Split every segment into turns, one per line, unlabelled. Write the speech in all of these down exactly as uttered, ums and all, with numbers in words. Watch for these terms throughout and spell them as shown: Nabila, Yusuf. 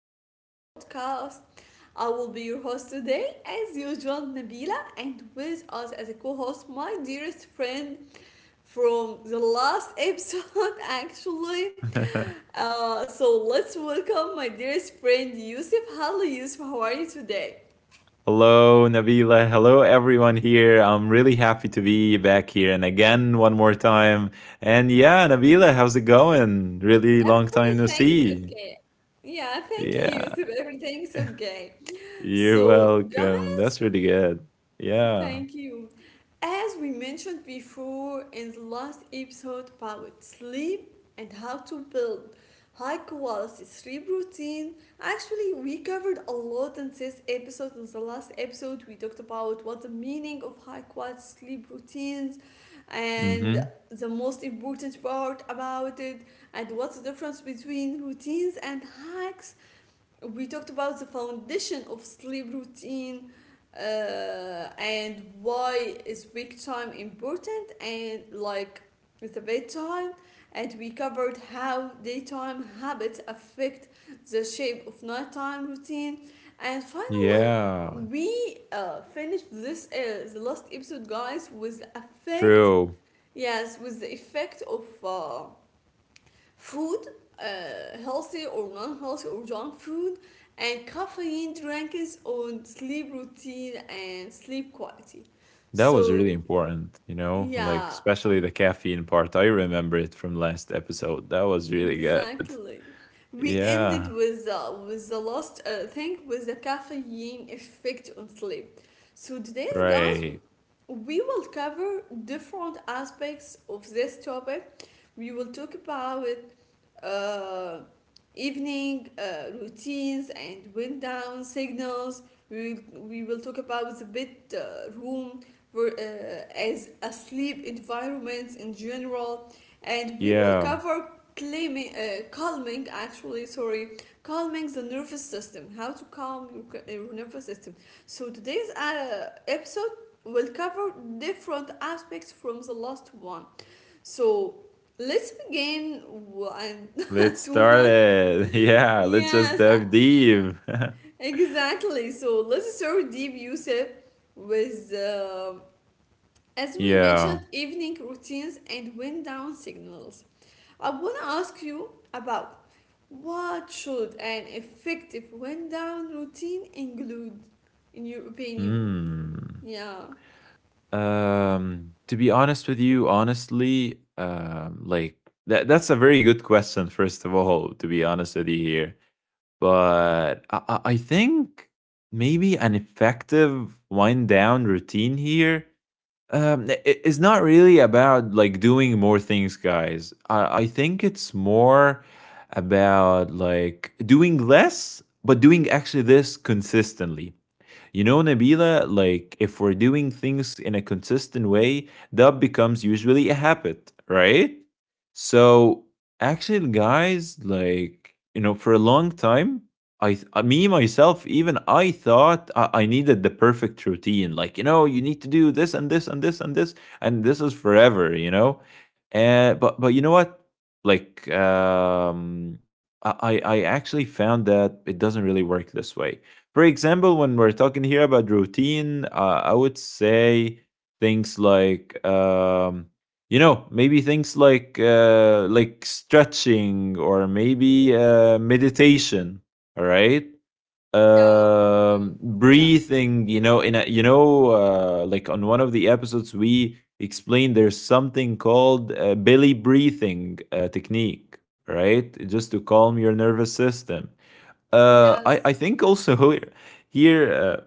of our podcast. I will be your host today, as usual, Nabila, and with us as a co host, my dearest friend from the last episode, actually. Uh, so, let's welcome my dearest friend, Yusuf. Hello, Yusuf, how are you today?
Hello, Nabila. Hello, everyone here. I'm really happy to be back here and again one more time. And yeah, Nabila, how's it going? Really long time no
Everything is
see.
okay. Yeah, thank you,
Yeah.
Yusuf. Everything's okay.
Yeah, you're
So,
welcome.
guys,
That's really good. Yeah.
thank you. As we mentioned before in the last episode about sleep and how to build high quality sleep routine, actually, we covered a lot in this episode. In the last episode, we talked about what the meaning of high quality sleep routines and
Mm-hmm.
the most important part about it, and what's the difference between routines and hacks. We talked about the foundation of sleep routine, uh, and why is wake time important, and like with the bedtime. And we covered how daytime habits affect the shape of nighttime routine. And finally
Yeah,
we uh, finished this, uh, the last episode, guys, with the effect,
true.
yes, with the effect of uh, food, uh, healthy or non-healthy or junk food, and caffeine drinks on sleep routine and sleep quality.
That was
So
really important, you know, like
yeah,
especially the caffeine part. I remember it from last episode. That was really good.
exactly. We
Yeah,
ended with the, with the last uh, thing, with the caffeine effect on sleep. So today, guys,
right.
we will cover different aspects of this topic. We will talk about uh, evening uh, routines and wind down signals. We, we will talk about the bed uh, room, for, uh, as a sleep environment in general, and we will
Yeah.
cover calming, uh, calming actually sorry calming the nervous system, how to calm your, your nervous system. So today's uh, episode will cover different aspects from the last one. So let's begin w- and
Let's
do
start
not.
it. Yeah, let's just
Yes,
dive deep.
exactly. So let's start deep, Yusuf, with, uh, as we mentioned,
yeah.
evening routines and wind down signals. I want to ask you about what should an effective wind down routine include, in your opinion?
Hmm.
Yeah,
Um. To be honest with you, honestly, um, like that, that's a very good question. First of all, to be honest with you here, but I, I I think maybe an effective wind down routine here Um, i- i- it's not really about like doing more things, guys. I, I think it's more about like doing less, but doing actually this consistently. You know, Nabila, like if we're doing things in a consistent way, that becomes usually a habit, right? So actually, guys, like, you know, for a long time, I, th- uh, me myself, even I thought I, I needed the perfect routine. Like, you know, you need to do this and this and this and this, and this is forever, you know? Uh, but, but you know what? Like, um, I, I I actually found that it doesn't really work this way. For example, when we're talking here about routine, uh, I would say things like, um, you know, maybe things like uh, like stretching or maybe uh, meditation. All right,
yeah,
um,
yes,
breathing. You know, in a you know, uh, like on one of the episodes we explained, there's something called uh, belly breathing uh, technique. Right, just to calm your nervous system. uh,
yes.
I I think also here uh,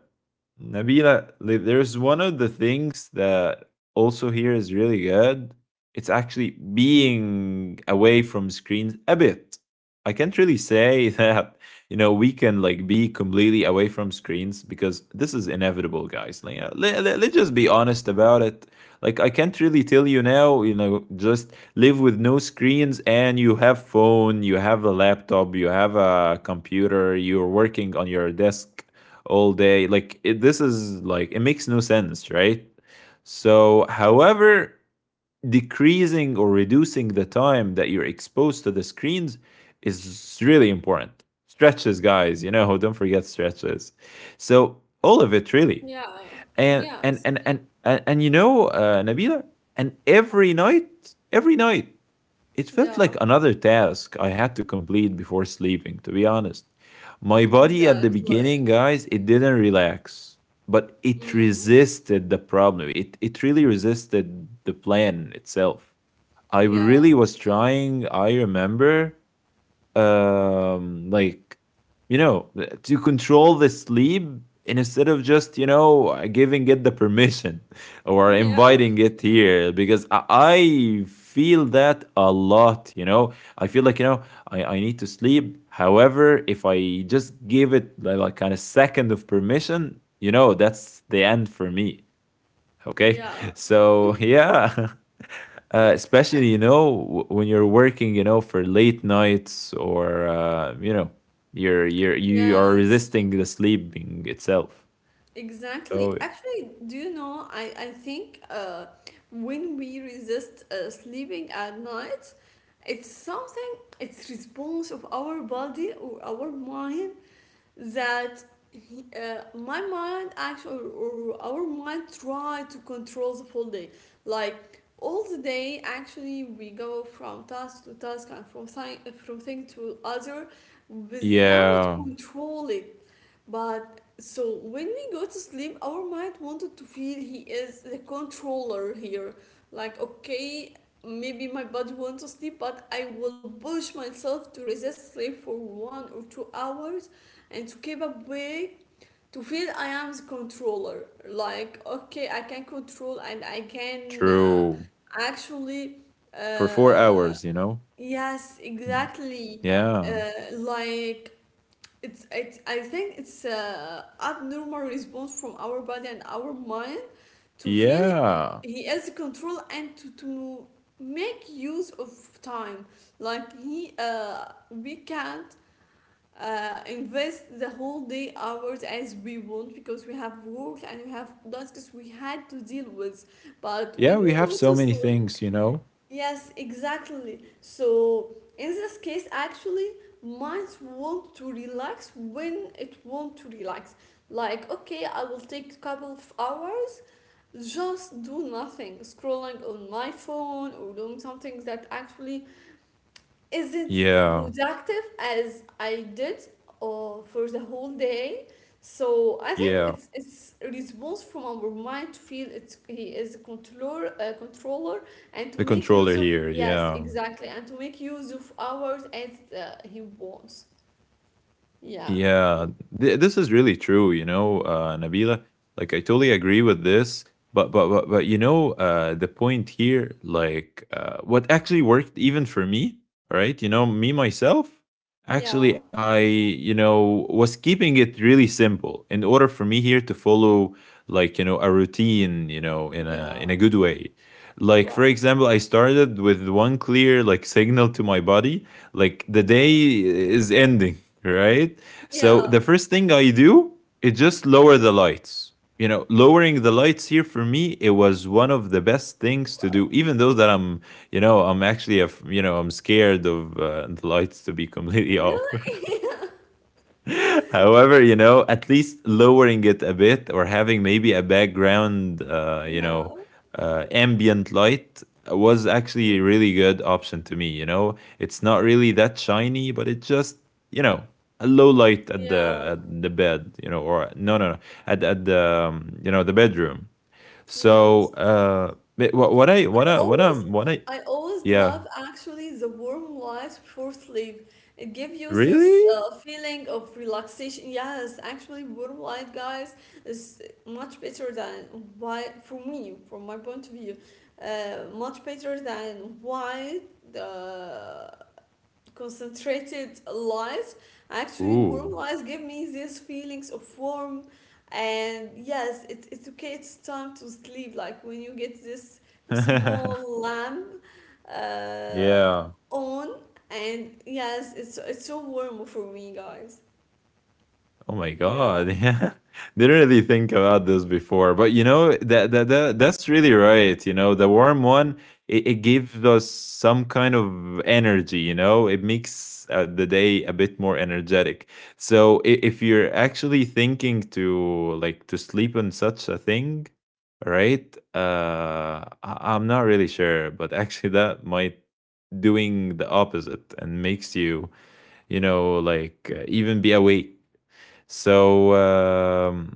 Nabila, like, there's one of the things that also here is really good. It's actually being away from screens a bit. I can't really say that, you know, we can like be completely away from screens because this is inevitable, guys. Like, uh, let, let, let's just be honest about it. Like, I can't really tell you now, you know, just live with no screens and you have phone, you have a laptop, you have a computer, you're working on your desk all day. Like it, this is like it makes no sense, right? So, however, decreasing or reducing the time that you're exposed to the screens is really important. Stretches, guys, you know, don't forget stretches. So all of it really,
Yeah,
and
yes,
and and and and, and you know, uh, Nabila, and every night, every night it felt
yeah,
like another task I had to complete before sleeping, to be honest. My body at the
exactly.
beginning, guys, it didn't relax, but it
Mm,
resisted the problem. It, it really resisted the plan itself. I
yeah,
really was trying, I remember, um like you know, to control the sleep instead of just you know giving it the permission or
yeah,
inviting it here because i I feel that a lot, you know. I feel like, you know, i, I need to sleep, however if I just give it li- like kind of second of permission, you know, that's the end for me, okay.
yeah,
So yeah. uh, especially you know w- when you're working you know for late nights or uh, you know you're you're you are
yes,
resisting the sleeping itself.
exactly.
So
Actually, do you know, I, I think uh, when we resist uh, sleeping at night, it's something, it's response of our body or our mind, that uh, my mind actually, or our mind try to control the full day, like all the day, actually we go from task to task and from thing, from thing to other without
yeah,
controlling. But so when we go to sleep, our mind wanted to feel he is the controller here. Like, okay, maybe my body wants to sleep, but I will push myself to resist sleep for one or two hours and to keep awake to feel I am the controller. Like, okay, I can control and I can, uh,
true.
actually,
For four
uh,
hours you know.
yes,
Mm.
exactly.
Yeah.
Uh, like, it's it's I think it's a abnormal response from our body and our mind, to feel
Yeah,
he has the control and to, to make use of time, like he uh, we can't uh, invest the whole day hours as we want, because we have work and we have tasks we had to deal with. But
yeah,
when
we
we
have
go
so
to
many
sleep,
things, you know.
yes, exactly. So in this case, actually, minds want to relax when it want to relax. Like, okay, I will take a couple of hours, just do nothing, scrolling on my phone or doing something that actually is it
Yeah.
productive as I did or for the whole day? So I think
Yeah,
it's it's a response from our mind to feel it's he is a controller, uh, controller and to
the
make
controller
use of,
here.
yes
Yeah.
exactly, and to make use of hours as uh, he wants. Yeah,
Yeah, th- this is really true, you know, uh, Nabila. Like, I totally agree with this, but but but, but you know, uh, the point here, like, uh, what actually worked even for me, right? You know, me myself, actually,
yeah,
I you know was keeping it really simple in order for me here to follow like you know a routine, you know, in a in a
yeah.
good way. Like, for
Wow.
example, I started with one clear like signal to my body, like the day
Okay.
is ending, right. So the
Yeah.
first thing I do is just lower the lights. You know, lowering the lights here for me, it was one of the best things to do.
Wow.
Even though that I'm, you know, I'm actually, a, you know, I'm scared of uh, the lights to be completely off.
Really?
However, you know, at least lowering it a bit or having maybe a background, uh, you know,
Yeah.
uh, ambient light was
Yeah.
actually a
Mm.
really good option to me. You know, it's not really that shiny, but it just, you know, a low light at the
Yeah.
at the bed, you know, or no, no, no, at at the um, you know the bedroom. So,
Yes.
uh, but what what I what
I
I what
always
I'm what I
I always
yeah
love actually the warm light before sleep. It gives you this
really
uh, feeling of relaxation. Yes, actually, warm light, guys, is much better than white for me, from my point of view. Uh, much better than white. Uh, concentrated light, actually warm
ooh
light, give me these feelings of warm. And yes, it, it's okay, it's time to sleep, like when you get this small lamp, uh,
yeah.
on. And yes, it's it's so warm for me, guys.
Oh my
Yeah.
god, yeah. Didn't really think about this before. But you know, that that, that that's really right. You know, the warm one, it, it gives us some kind of energy, you know, it makes uh, the day a bit more energetic. So i- if you're actually thinking to like to sleep on such a thing, right? Uh I, I'm not really sure, but actually that might doing the opposite and makes you, you know, like uh, even be awake. So um,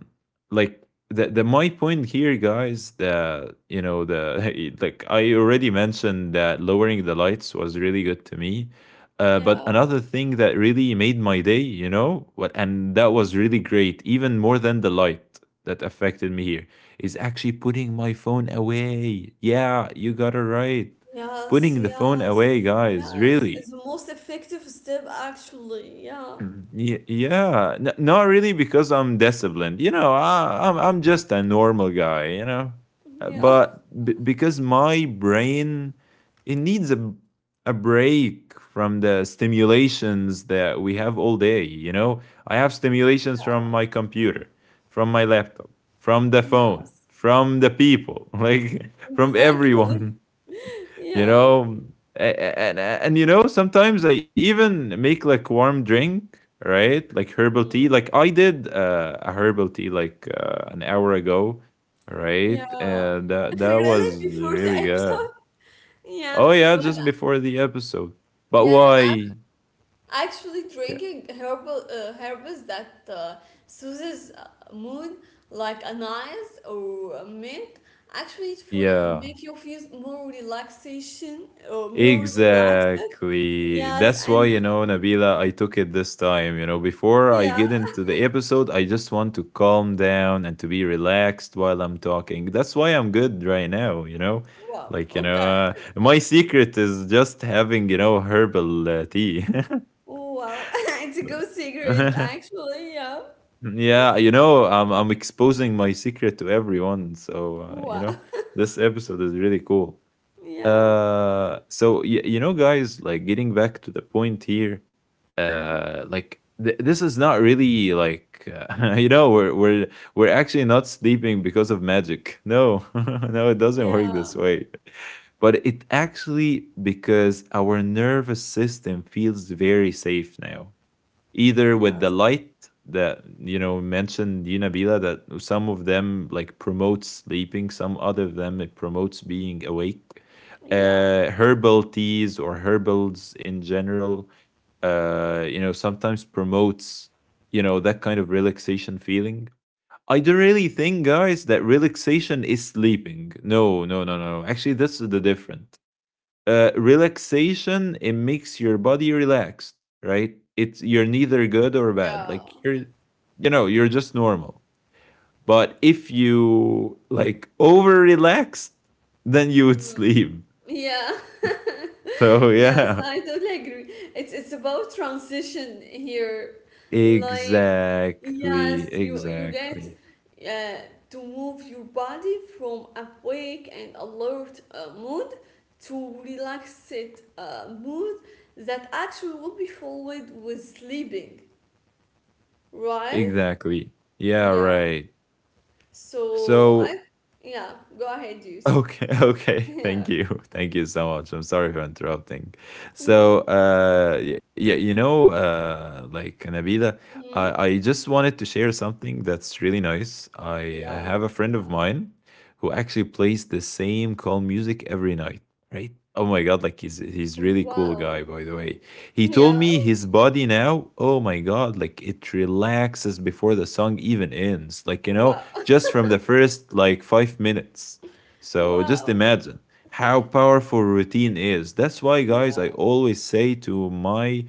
like the, the my point here, guys, that you know the like I already mentioned that lowering the lights was really good to me. Uh, but
Yeah.
another thing that really made my day, you know, what and that was really great, even more than the light that affected me here, is actually putting my phone away. Yeah, you got it right.
Yes.
Putting the phone away,
Yes.
guys,
Yes, it's
really.
the most effective step, actually. Yeah.
Mhm. Ye- Yeah, N- not really because I'm disciplined. You know, I, I'm I'm just a normal guy, you know. Uh,
Yeah.
but b- because my brain it needs a a break from the stimulations that we have all day. You know, I have stimulations from my computer, from my laptop, from the phone,
Yes,
from the people, like from
exactly.
everyone, you
Yeah.
know. And, and and you know sometimes I even make like warm drink, right, like herbal tea.
Mm-hmm.
Like I did uh, a herbal tea like uh, an hour ago,
Yeah,
right, and that that
really
was
before the
really good.
episode. Yeah,
Oh yeah,
but
just before the episode. But
yes,
why?
ac- actually
Yeah.
drinking herbal, uh, herbs, that uh, soothes uh, mood, like anise or mint, actually it fo-
Yeah.
make you feel more relaxation or more relaxed.
Exactly.
Yes,
That's why, you
and
know, Nabila, I took it this time. You know, before I
yeah,
get into the episode, I just want to calm down and to be relaxed while I'm talking. That's why I'm good right now, you know?
wow,
Like, you know,
okay,
uh, my secret is just having, you know, herbal uh, tea.
wow, it's a
So-
good secret actually. Yeah,
yeah, you know, I'm, I'm exposing my secret to everyone. So, uh, you
wow,
know, this episode is really cool.
yeah.
Uh, so y- you know, guys, like getting back to the point here,
Mm,
uh, like th- this is not really like uh, you know we're we're we're actually not sleeping because of magic. No, no, it doesn't work
yeah.
this way. But it actually because our nervous system feels very safe now, either with
Yes.
the light that you know mentioned you Nabila that some of them like promotes sleeping, some other of them it promotes being awake.
Yeah.
Uh, herbal teas or herbals in general, uh, you know, sometimes promotes you know that kind of relaxation feeling. I don't really think, guys, that relaxation is sleeping. No, no, no, no, no. Actually, this is the different. Uh, relaxation it makes your body relaxed, right. It's you're neither good or bad, like
Yeah.
you're, you know, you're just normal. But if you like over relaxed, then you would
Mm.
sleep.
Yeah,
So
yes,
yeah,
I totally agree. It's it's about transition here. Like,
exactly,
yes, you you get
exactly,
uh, to move your body from awake and alert uh, mood to relaxed uh, mood, that actually will be followed with sleeping, right?
exactly, yeah,
Yeah.
right.
So, I,
So
yeah, go ahead, dude.
okay. Okay,
Yeah.
thank you. Thank you so much. I'm sorry for interrupting. So,
No.
uh, y- yeah, you know, uh, like Nabila, I,
Hmm.
I just wanted to share something that's really nice. I uh,
Yeah.
have a friend of mine who actually plays the same calm music every night, right? Oh my God, like he's he's really cool
Wow.
guy, by the way. He told
Yeah.
me his body now, oh my God, like it relaxes before the song even ends. Like, you know,
Wow.
just from the first like five minutes. So just
Wow.
imagine how powerful routine is. That's why, guys,
Yeah.
I always say to my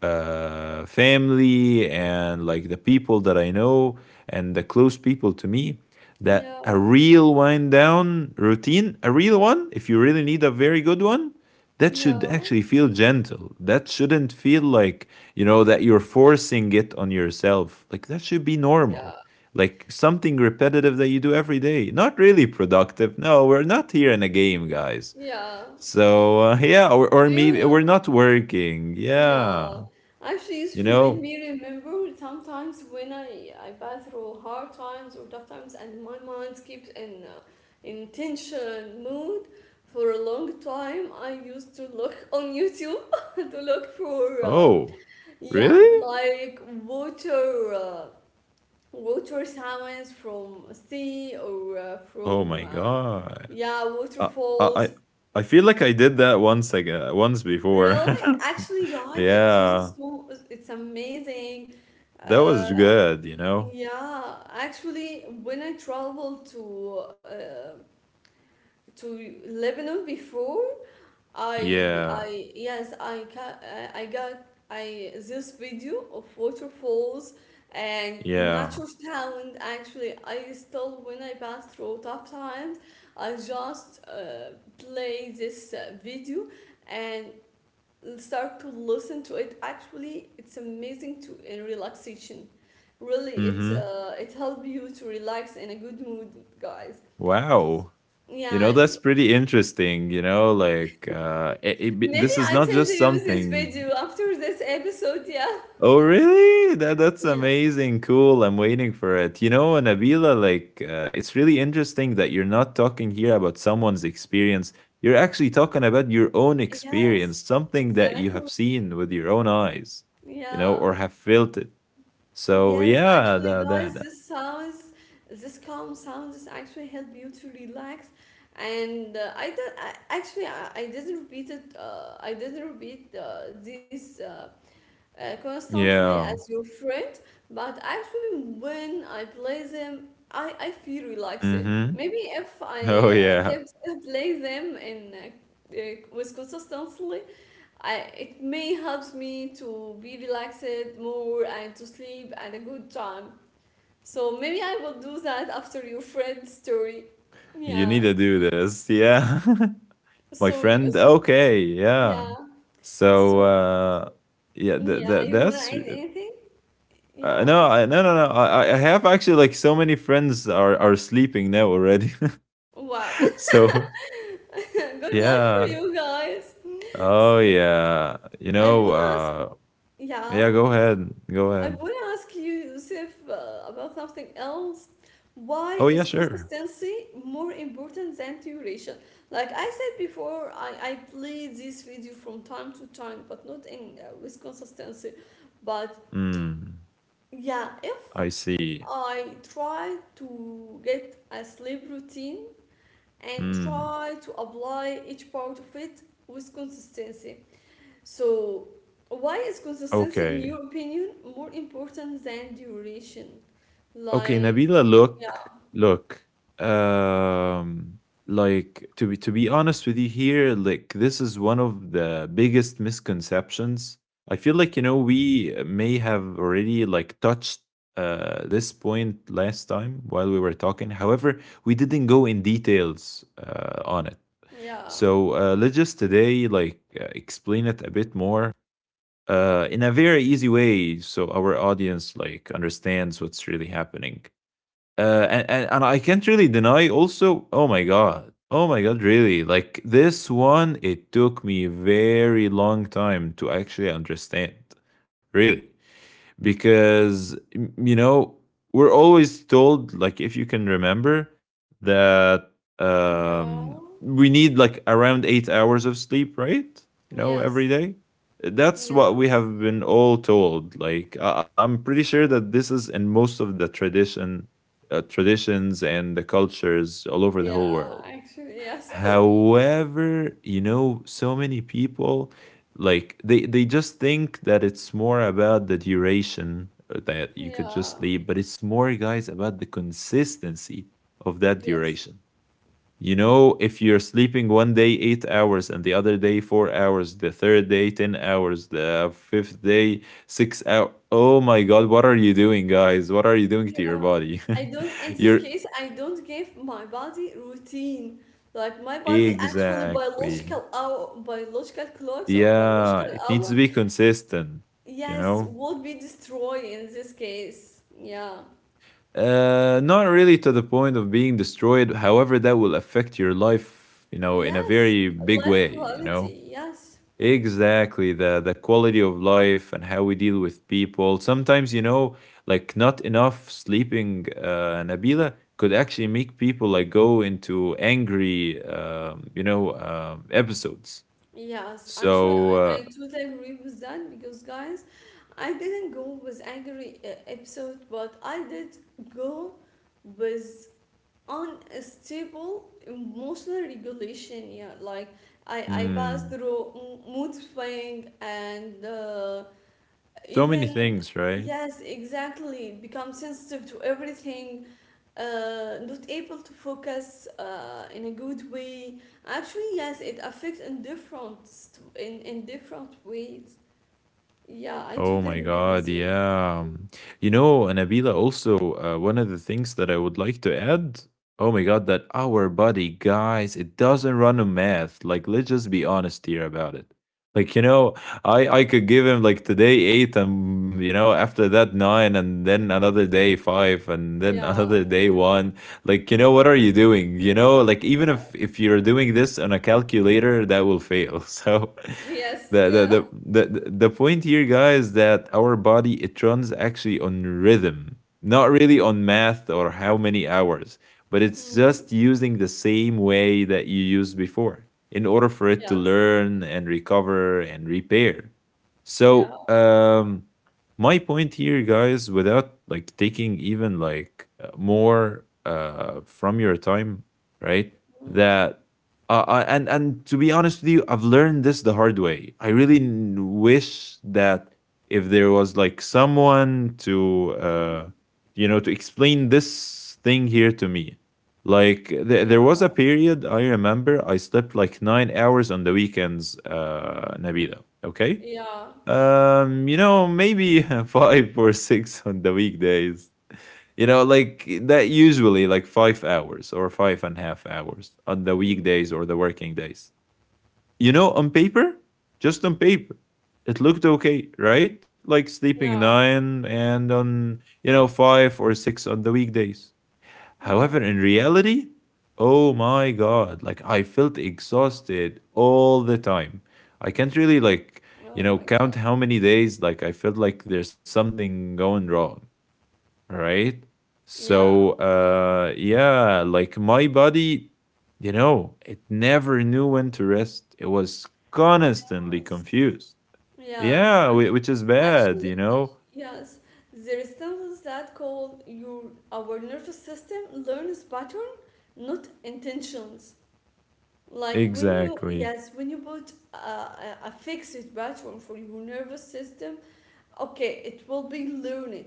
uh, family and like the people that I know and the close people to me that a
Yeah.
real wind down routine, a real one, if you really need a very good one, that should
Yeah.
actually feel gentle. That shouldn't feel like, you know, that you're forcing it on yourself. Like that should be
Yeah.
normal, like something repetitive that you do every day. Not really productive. No, we're not here in a game, guys.
Yeah.
So uh, yeah, or, or
Do you
maybe
know?
we're not working. Yeah,
Yeah. Actually, it's
you
you made
know.
me remember sometimes when I I pass through hard times or tough times, and my mind keeps in, uh, in tension mood for a long time. I used to look on YouTube to look for, uh,
Oh,
yeah,
really?
like water. Uh, water sounds from a sea, or uh,
Oh
from
my
uh,
god.
yeah,
Uh, I I
waterfalls,
I feel like I did that once again, once before.
really. Actually, guys, it's so,
Yeah,
so it's amazing.
that
uh,
was good. You know.
yeah, actually, when I traveled to, uh, to Lebanon before, I
Yeah.
I yes, I ca uh, I got I this video of waterfalls and natural
Yeah.
sound. Actually I still, when I pass through tough times, I just uh, play this uh, video and start to listen to it. Actually it's amazing, to in relaxation, really, it
Mm-hmm.
uh, it helps you to relax in a good mood, guys.
Wow. You know,
Yeah.
that's pretty interesting, you know, like uh it, it, be-
Maybe
this is
I
not
tend to
just
use this
something.
video after this episode. Yeah.
Oh, really? That that's
Yeah.
amazing. Cool. I'm waiting for it. You know, Nabila, like uh, it's really interesting that you're not talking here about someone's experience. You're actually talking about your own experience,
Yes.
something that you have
Exactly.
seen with your own eyes, you know,
Yeah.
or have felt it. So,
Yes.
yeah,
Actually,
that
guys,
that, that.
this sounds, this calm sounds actually help you to relax. And, uh, I don't. I, actually, I, I didn't repeat it. Uh, I didn't repeat uh, these. Uh, uh, constantly
Yeah.
as your friend, but actually, when I play them, I, I feel relaxed.
Mhm.
Maybe if
Oh,
I uh,
yeah.
kept play them in, uh, uh, with consistency, I it may help me to be relaxed more and to sleep at a good time. So maybe I will do that after your friend's story.
You need
Yeah.
to do this. Yeah. My
So you,
friend,
s-
okay. Yeah,
yeah.
so
So
uh yeah, that,
yeah,
that
you wanna
that's
add anything?
uh,
Yeah.
no, I, no, no, no, I, I I have actually like so many friends are are sleeping now already.
Wow.
So
Good luck for
yeah.
you guys.
Oh yeah, you
I
know
would ask,
uh
yeah,
Yeah, go ahead, go
I
ahead.
would ask you, Yusuf, uh, about something else. Why
Oh
is
yeah, sure.
consistency more important than duration? Like I said before, I, I play this video from time to time, but not in, uh, with consistency. But
Hmm.
yeah, if
I see.
I try to get a sleep routine and
Hmm.
try to apply each part of it with consistency. So, why is consistency, in
Okay.
your opinion, more important than duration?
Okay,
Like,
Nabila, look,
yeah,
look. Um, like, to be to be honest with you here, like this is one of the biggest misconceptions. I feel like, you know, we may have already like touched uh this point last time while we were talking. However, we didn't go in details uh on it.
yeah,
So uh, let's just today like uh, explain it a bit more uh in a very easy way so our audience like understands what's really happening, uh, and, and and I can't really deny also. Oh my god. Oh my god, really? Like this one, it took me a very long time to actually understand. Really, because m- you know, we're always told like, if you can remember that,
yeah,
um, we need like around eight hours of sleep, right? You know, every
yes,
day. That's what
yeah,
we have been all told. Like, I- I'm pretty sure that this is in most of the tradition, uh, traditions, and the cultures all over the whole
yeah,
world.
actually, yes,
However, you know, so many people, like they they just think that it's more about the duration, uh, that you could
yeah,
just leave, but it's more, guys, about the consistency of that
yes,
duration. You know, if you're sleeping one day eight hours and the other day four hours, the third day ten hours, the fifth day six hours. Oh my god, what are you doing, guys? What are you doing to your
yeah.
body?
I don't. In this
You're
case, I don't give my body routine. Like, my body actually
exactly.
biological hour, biological clocks, or
Yeah,
biological
it needs to
hour,
be consistent, you
yes,
know?
would be destroyed in this case. Yeah.
Uh, not really to the point of being destroyed. However, that will affect your life, you know, in a
Yes,
very big
life
way, you
quality.
know?
Yes,
Exactly. The the quality of life and how we deal with people. Sometimes, you know, like not enough sleeping, uh, Nabila, could actually make people like go into angry, um, you know, um, episodes.
yes. Actually,
So,
I,
uh,
I totally agree with that, because, guys, I didn't go with angry uh, episode, but I did go with unstable emotional regulation. Yeah, like I I passed
mm,
through m- mood swing, and uh,
so many
even,
things, right?
yes, exactly. Become sensitive to everything, uh, not able to focus uh, in a good way. Actually, yes, it affects in different st- in in different ways. Yeah, I
Oh
totally
my
agree with
God,
you.
yeah. You know, Anabila, also, uh, one of the things that I would like to add, oh my God, that our body, guys, it doesn't run on math. Like, let's just be honest here about it. Like, you know, I, I could give him like today eight and, you know, after that nine and then another day five and then
Yeah,
another day one, like, you know, what are you doing? You know, like, even
yeah,
if if you're doing this on a calculator, that will fail. So
yes,
the the
yeah,
the the, the point here, guys, that our body, it runs actually on rhythm, not really on math or how many hours, but it's
mm,
just using the same way that you used before in order for it to
yes,
learn and recover and repair.
yeah,
So um, my point here, guys, without like taking even like uh, more uh from your time, right,
mm,
that, uh, I- and and to be honest with you, I've learned this the hard way. I really n- wish that if there was like someone to
mm,
uh you know, to explain this thing here to me. Like, th-
yeah,
there was a period I remember I slept like nine hours on the weekends, uh, Nabila, okay.
yeah,
Um, you know, maybe five or six on the weekdays. You know, like that usually like five hours or five and a half hours on the
mm,
weekdays or the working days. You know, on paper, just on paper, it looked okay, right? Like sleeping
yeah,
nine, and on, you know, five or six on the weekdays.
yeah.
However, in reality, oh my God, like I felt exhausted all the time. I can't really, like, you
Oh
know,
my
count
God,
how many days, like, I felt like there's something going wrong, right?
yeah,
So, uh, yeah, like my body, you know, it never knew when to rest. It was constantly
yes,
confused.
yes.
Yeah,
I
whi- which is bad, you
Actually,
know?
yes, there is stimulus that call your our nervous system learns pattern, not intentions. Like, when you
Exactly.
yes, when you put a, a a fixed pattern for your nervous system, okay, it will be learned.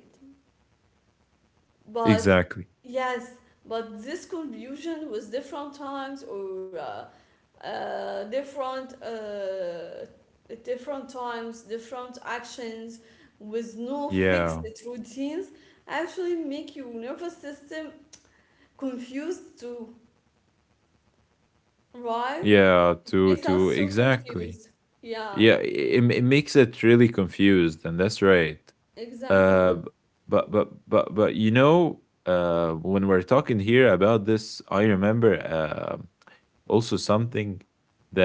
But
Exactly.
yes, but this confusion with different times, or uh, uh, different uh, different times, different actions, with no fixed
Yeah.
routines, actually make your nervous system confused too, right?
Yeah,
It
to
makes
to
us so
exactly.
confused. Yeah,
Yeah, it, it makes it really confused, and that's right. Uh,
exactly.
b- but but but but you know, uh, when we're talking here about this, I remember. Um, also something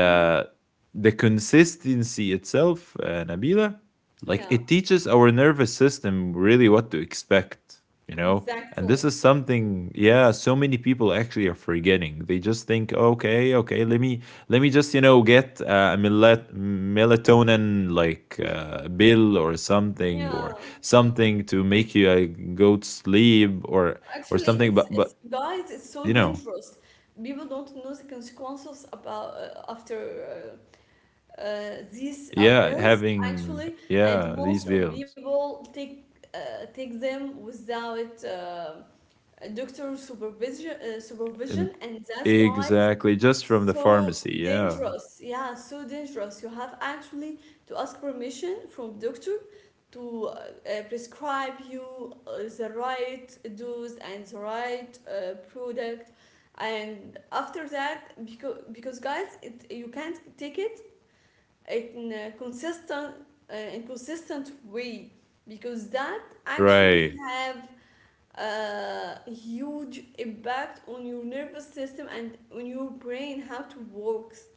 Mm,
the consistency itself, uh, Nabila, like
yeah,
it teaches our nervous system really what to expect, you know? And
exactly.
this is something, yeah, so many people actually are forgetting. They just think, okay, okay, let me let me just, you know, get uh, a melat- melatonin like uh, bill or something,
Yeah,
or something to make you like go to sleep, or or
actually,
something.
it's
But
it's
but
guys, it's so
you know,
dangerous. People don't know the consequences about, uh, after, uh, uh, these uh,
yeah,
pills,
having,
actually, and
yeah, these
most of
bills.
people take uh, take them without uh, doctor supervision, uh, supervision,
Um,
and that's, guys,
exactly, just from the
so
pharmacy, yeah.
dangerous, yeah, so dangerous. You have actually to ask permission from doctor to uh, uh, prescribe you uh, the right dose and the right uh, product. And after that, because because guys, it, you can't take it in a consistent uh, in consistent way because that actually
Right.
have uh, huge impact on your nervous system and on your brain how to works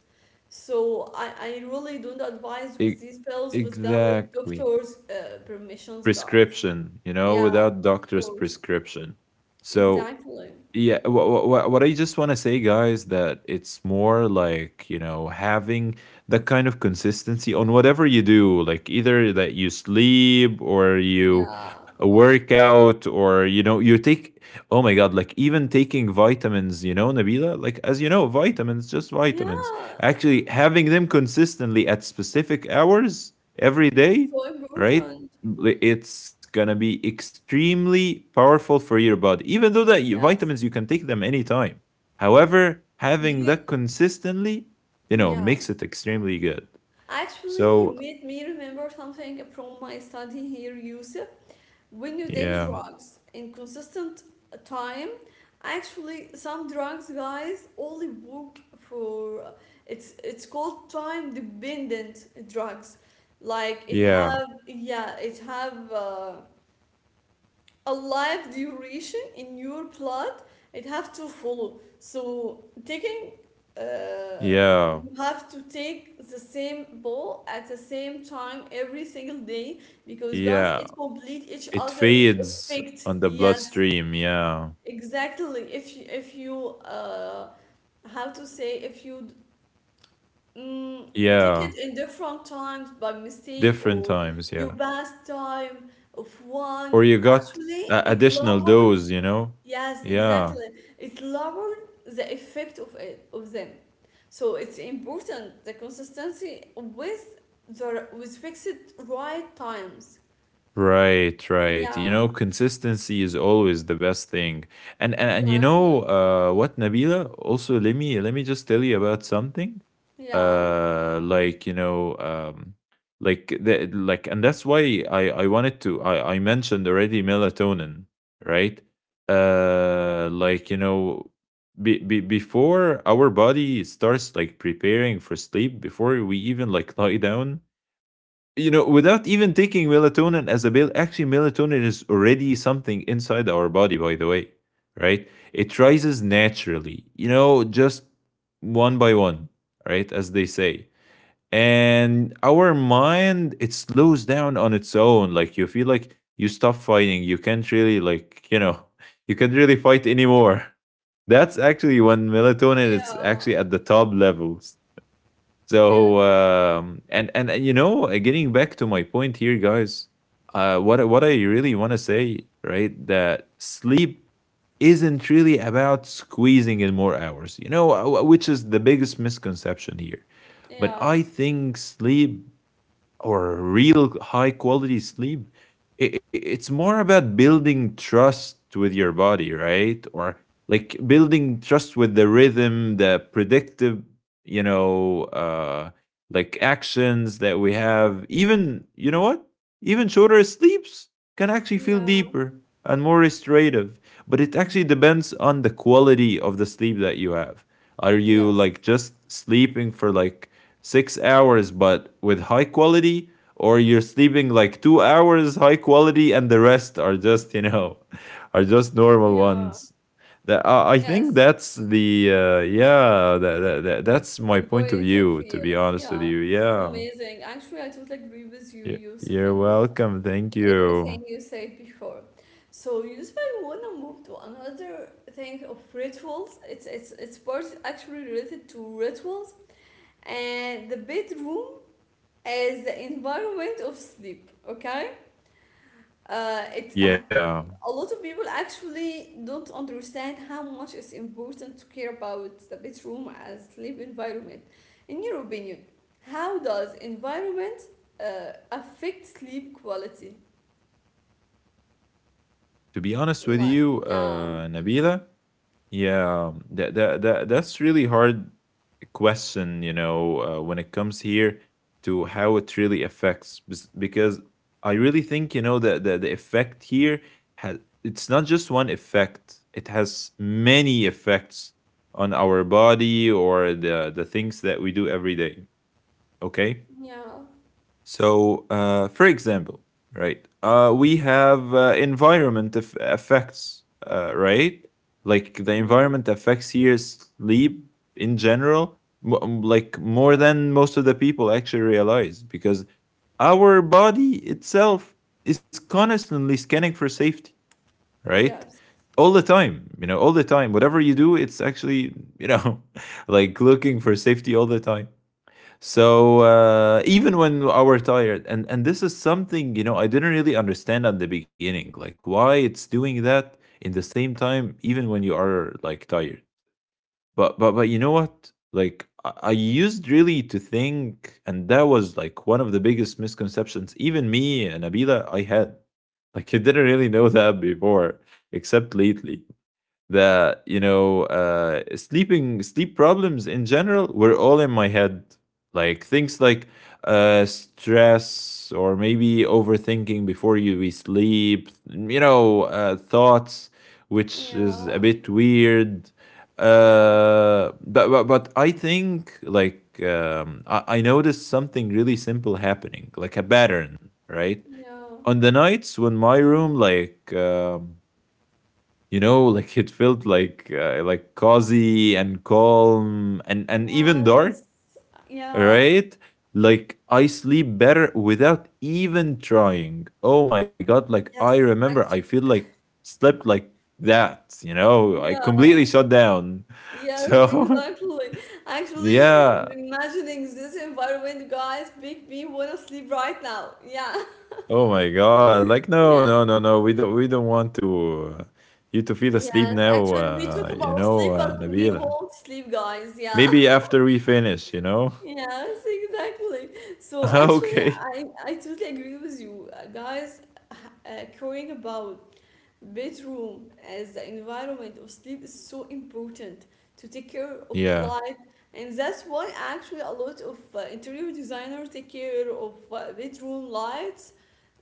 so i, I really don't advise with
E-
these pills without
exactly.
doctors uh, permissions guys.
Prescription, you know,
Yeah, of
without doctor's
course.
prescription. So
Exactly.
yeah, what, what, what I just want to say, guys, that it's more like, you know, having that kind of consistency on whatever you do, like either that you sleep or you
Yeah,
work out or, you know, you take, oh my God, like even taking vitamins, you know, Nabila, like as you know, vitamins, just vitamins.
yeah,
Actually, having them consistently at specific hours every day,
so
right?
important.
It's gonna be extremely powerful for your body. Even though that you,
Yes.
vitamins, you can take them anytime. However,
do
having
you,
that consistently, you know,
yeah,
makes it extremely good.
actually you
So
made me remember something from my study here, Yusuf. When you take
yeah,
drugs in consistent time, actually some drugs guys only work for, it's it's called time dependent drugs, like it
yeah,
have, yeah it have uh, a life duration in your plot, it have to follow. So taking uh,
yeah,
you have to take the same ball at the same time every single day, because guys
yeah.
it complete each
It
other
fades
effect,
on the
yes,
bloodstream. Yeah,
exactly. if you, if you uh, how to say, if you mm, take
yeah.
it in different times by mistake
Different
or
times.
you
Yeah,
pass time of one,
or you got
actually
a
it
additional
lower.
dose. You know.
Yes, exactly.
Yeah.
It lowered the effect of it, of them. So it's important the consistency with the with fixed right times.
Right, right. You
Yeah,
know, consistency is always the best thing. And and, and you
exactly.
know, uh, what, Nabila? Also, let me let me just tell you about something.
Yeah,
Uh, like you know, um, like the like, and that's why I I wanted to I I mentioned already melatonin, right? Uh, like you know, be, be, before our body starts like preparing for sleep, before we even like lie down, you know, without even taking melatonin as a pill, actually, melatonin is already something inside our body, by the way, right? It rises naturally, you know, just one by one, right? As they say. And our mind, it slows down on its own. Like, you feel like you stop fighting. You can't really, like, you know, you can't really fight anymore. That's actually when melatonin is
yeah,
actually at the top levels.
yes,
So um, and and uh, you know, uh, getting back to my point here, guys, uh, what I- what I really want to say, right, that sleep isn't really about squeezing in more hours, you know, uh, wh- which is the biggest misconception here. But
yeah,
I think sleep, or real high quality sleep, i- i- it's more about building trust with your body, right? Or like building trust with the rhythm, the predictive, you know uh like actions that we have. Even, you know what, even shorter sleeps can actually feel
yeah,
deeper and more restorative, but it actually depends on the quality of the sleep that you have. Are you
yes,
like just sleeping for like six hours but with high quality, or you're sleeping like two hours high quality and the rest are just, you know, are just normal
yeah,
ones. That, I I
yes.
think that's the uh, yeah, that, that, that that's
The
my point of
point of
view,
view.
to be honest
Yeah,
with you.
it's
Yeah.
amazing. Actually, I totally agree with you,
Y-
Yusuf,
you're
in
welcome, thank you.
everything you said before. So usually I wanna move to another thing of rituals. It's it's it's part actually related to rituals and the bedroom as the environment of sleep. Okay, uh, it uh,
Yeah,
a lot of people actually don't understand how much it's important to care about the bedroom as sleep environment. In your opinion, how does environment uh, affect sleep quality?
to be honest with
Like
you,
yeah.
uh, Nabila. Yeah, that that that that's really hard question, you know, uh, when it comes here to how it really affects, bes- because I really think, you know, that the, the effect here has, it's not just one effect. It has many effects on our body or the the things that we do every day, okay?
Yeah.
So, uh, for example, right, uh, we have uh, environment eff- effects, uh, right? Like the
Mm-hmm.
environment affects here sleep in general, mo- um, like
Yeah.
more than most of the people actually realize, because our body itself is constantly scanning for safety, right?
Yes.
All the time, you know, all the time. Whatever you do, it's actually, you know, like looking for safety all the time. So uh, even when I were tired, and and this is something you know I didn't really understand at the beginning, like why it's doing that in the same time, even when you are like tired. But but but you know what? Like I, I used really to think, and that was like one of the biggest misconceptions. Even me and Abila, I had like I didn't really know that before, except lately that you know uh sleeping sleep problems in general were all in my head like things like uh stress or maybe overthinking before you we sleep you know uh thoughts which is
Yeah.
a bit weird
Yeah.
uh but but, but I think like um I, I noticed something really simple happening like a pattern, right?
Yeah.
On the nights when my room like um you know like it felt like uh, like cozy and calm and and even dark,
Yes. Yeah.
right? Like I sleep better without even trying. Oh my god, like I
Yes.
remember I feel like slept like that, you know, I
Yeah.
completely shut down.
Yes,
So
exactly. Actually,
yeah,
imagining this environment, guys, make me wanna sleep right now. Yeah.
oh my god, like no
Yeah.
no no no we don't we don't want to uh, you to feel asleep
Yes.
now
Actually, we
uh,
talk
you
about
know,
sleep,
uh,
but we
Nabila,
won't sleep, guys. Yeah.
maybe after we finish, you know.
Yes, exactly. So actually,
Okay.
I I totally agree with you, uh, guys. H- Uh, caring about bedroom as the environment of sleep is so important to take care of
Yeah.
light, and that's why actually a lot of uh, interior designers take care of uh, bedroom lights,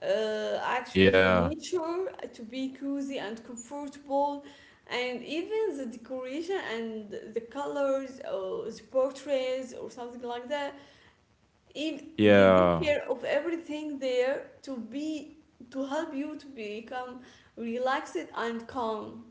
uh, actually
Yeah.
furniture, uh, to be cozy and comfortable, and even the decoration and the colors or the portraits or something like that, if they take
Yeah.
care of everything there to be to help you to become relaxed and calm.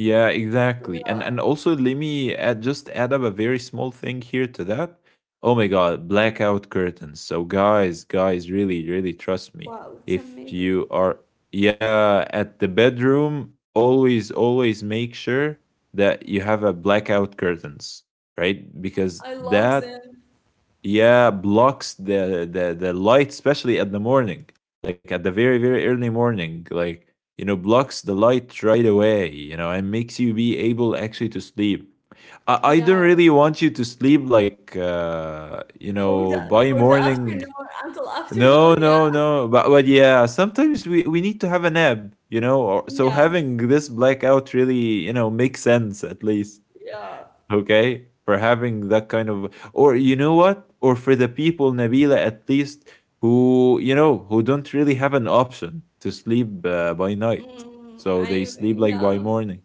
Yeah, exactly. And
Yeah.
and also let me add, just add up a very small thing here to that. Oh my god, blackout curtains. So guys, guys, really, really trust me.
Wow, it's
If
amazing.
you are, yeah, at the bedroom, always, always make sure that you have a blackout curtains, right? Because
I love
that,
them.
yeah, blocks the the the light, especially at the morning, like at the very, very early morning, like you know, blocks the light right away, you know, and makes you be able actually to sleep. I, I
Yeah.
don't really want you to sleep like uh you
For
know
the
by
for the
morning.
afternoon, until afternoon,
no
yeah.
no no but but yeah, sometimes we we need to have a nap, you know, or, so
Yes.
having this blackout really you know makes sense, at least
Yeah.
okay for having that kind of, or you know what, or for the people, Nabila, at least who you know who don't really have an option to sleep uh, by night,
Mm,
so they
I
sleep like by
yeah.
morning.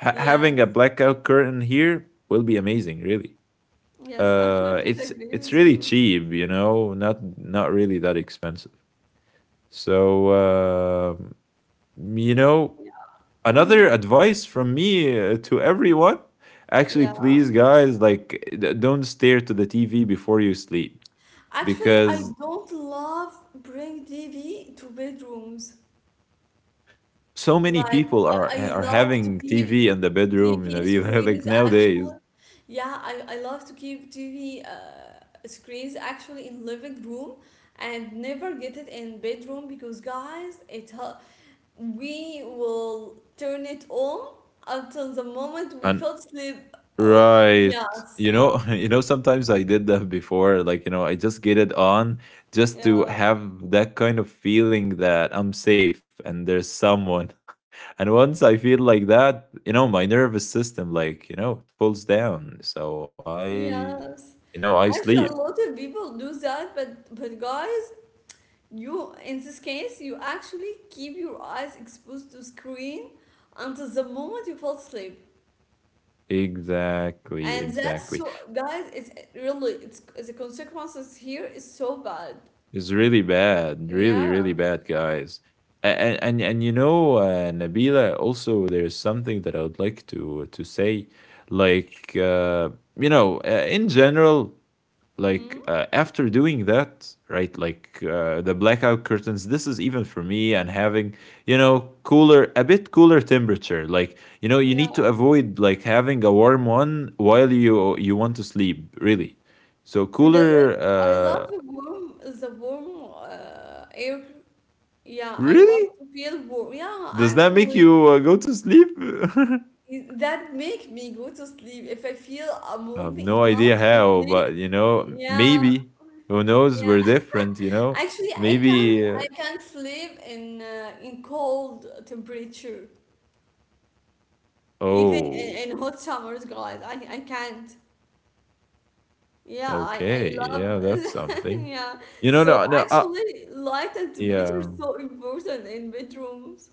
ha-
Yes.
having a blackout curtain here will be amazing, really.
Yes, I'm sure
uh
to
it's
agree
it's
with
really
you.
cheap, you know, not, not really that expensive. So uh, you know,
Yeah.
another
Hmm.
advice from me uh, to everyone, actually,
Yeah.
please guys like d- don't stare to the TV before you sleep,
Actually, I
because
don't love bring T V to bedrooms.
so many
Like
people
I,
are
I
are
love to
having
keep
TV in the bedroom, you
T V
know, like
screens
nowadays.
actually. Yeah, I, I love to keep T V uh, screens actually in living room and never get it in bedroom because guys, it hel- we will turn it on until the moment we
And
fell asleep. Oh,
right, you
yes.
know, you know, sometimes I did that before, like, you know, I just get it on just to
Yeah.
have that kind of feeling that I'm safe and there's someone. And once I feel like that, you know, my nervous system, like, you know, it pulls down. So I,
Yes.
you know, I
Actually, a
sleep.
lot of people do that, but but guys, you, in this case, you actually keep your eyes exposed to screen until the moment you fall asleep.
Exactly,
And that's
exactly.
so, guys, it's really, it's the consequences here is so bad.
It's really bad, really, really
Yeah.
bad, guys. A- And and and you know, uh, Nabila, also there's something that I would like to to say, like, uh, you know, uh, in general,
Hmm.
like uh, after doing that, right, like uh, the blackout curtains, this is even for me, and having you know cooler, a bit cooler temperature, like you know you need
Yeah.
to avoid like having a warm one while you you want to sleep, really. So
Really?
cooler,
I love the
uh
warm, the warm uh, air. Yeah, I love
really,
to feel warm. Yeah,
does that make
actually,
you uh, go to sleep? I
it- that make me go to sleep. If I feel I'm
have
warm
no
enough
idea
to
how,
sleep,
but you know,
yeah,
maybe, who knows,
yeah.
we're different, you know.
Actually, I can't
Maybe uh,
I can't sleep in uh, in cold temperature, even
oh,
in, in hot summers, guys. I I can't. Yeah, I I
okay,
love.
yeah, that's something.
Yeah.
You know,
So
no, no, uh,
actually, light and temperature
yeah.
is so important in bedrooms.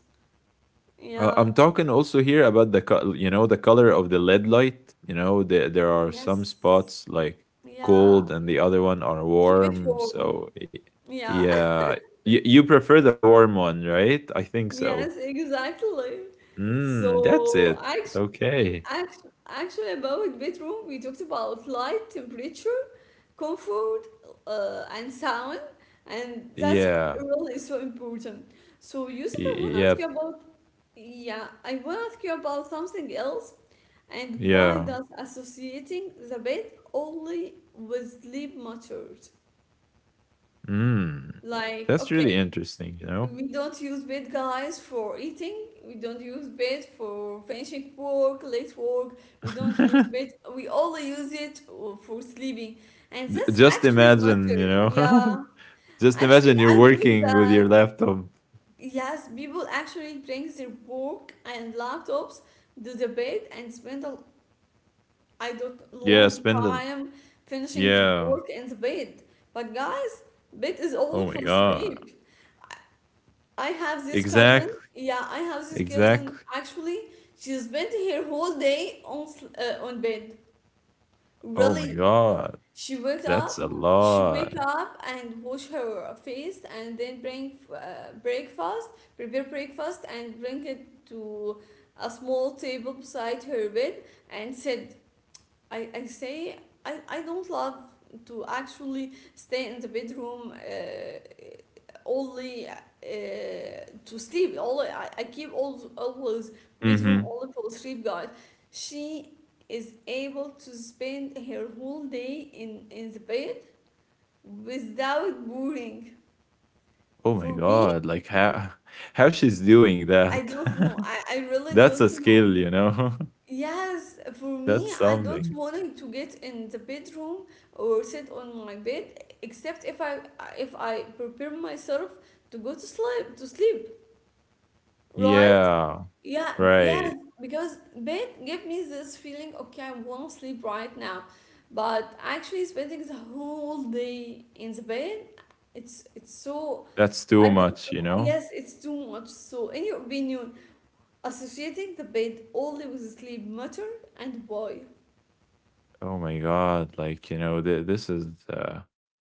Uh, I'm
Yeah.
talking also here about the, co- you know, the color of the L E D light. You know, there there are some
Yes.
spots like
Yeah.
cold and the other one are
Keep it
warm.
warm.
So y-
Yeah.
yeah, you you prefer the warm one, right? I think so.
Yes, exactly.
Mm, that's
So
it.
actually,
Okay.
actually, about bedroom, we talked about light, temperature, comfort, uh, and sound, and that's
Yeah.
really so important. So Yusuf, I want
Y-
to ask you
yep.
about, yeah, I want to ask you about something else, and why
Yeah.
does associating the bed only with sleep matters?
Mm.
Like,
That's really
okay,
interesting, you know?
we don't use bed guys for eating, we don't use bed for finishing work, late work, we don't use bed, we only use it uh, for sleeping, and
J-
that's
Just
actually
imagine,
matter,
you know,
yeah.
just
Actually,
imagine you're
I do
working with
that.
your laptop.
Yes, people actually bring their work and laptops to the bed and spend a, I don't,
Yeah,
long
spindle.
time finishing their
Yeah.
work in the bed. But guys, bed is
Oh
only
my
for
god.
sleep. I have this cousin.
Exactly.
Yeah, I have this cousin.
Exactly.
Actually, she spent her whole day on sl- uh, on bed.
Oh my
Really,
god.
she wake
That's
up,
a
she wake
lot.
up and wash her face, and then bring uh, breakfast, prepare breakfast, and bring it to a small table beside her bed, and sit. I, I say, I, I don't love to actually stay in the bedroom uh, only uh, to sleep. All I, I keep always, always bedroom
Mm-hmm.
only for sleep, guys. She is able to spend her whole day in, in the bed without boring.
Oh my
For me,
god. Like how how she's doing
I
that.
don't know. I, I really
That's a
don't know.
skill, you know?
Yes, for me,
That's
I don't
something.
want to get in the bedroom or sit on my bed except if I, if I prepare myself to go to sleep, to sleep, right?
Yeah.
Yeah, yes,
Right.
because bed give me this feeling, okay, I want to sleep right now. But actually spending the whole day in the bed, it's it's so
That's
I
too
don't
much, you
know.
know?
Yes, it's too much. So in your opinion, associating the bed only with sleep matter, and why?
Oh my god. Like, you know, th- this is uh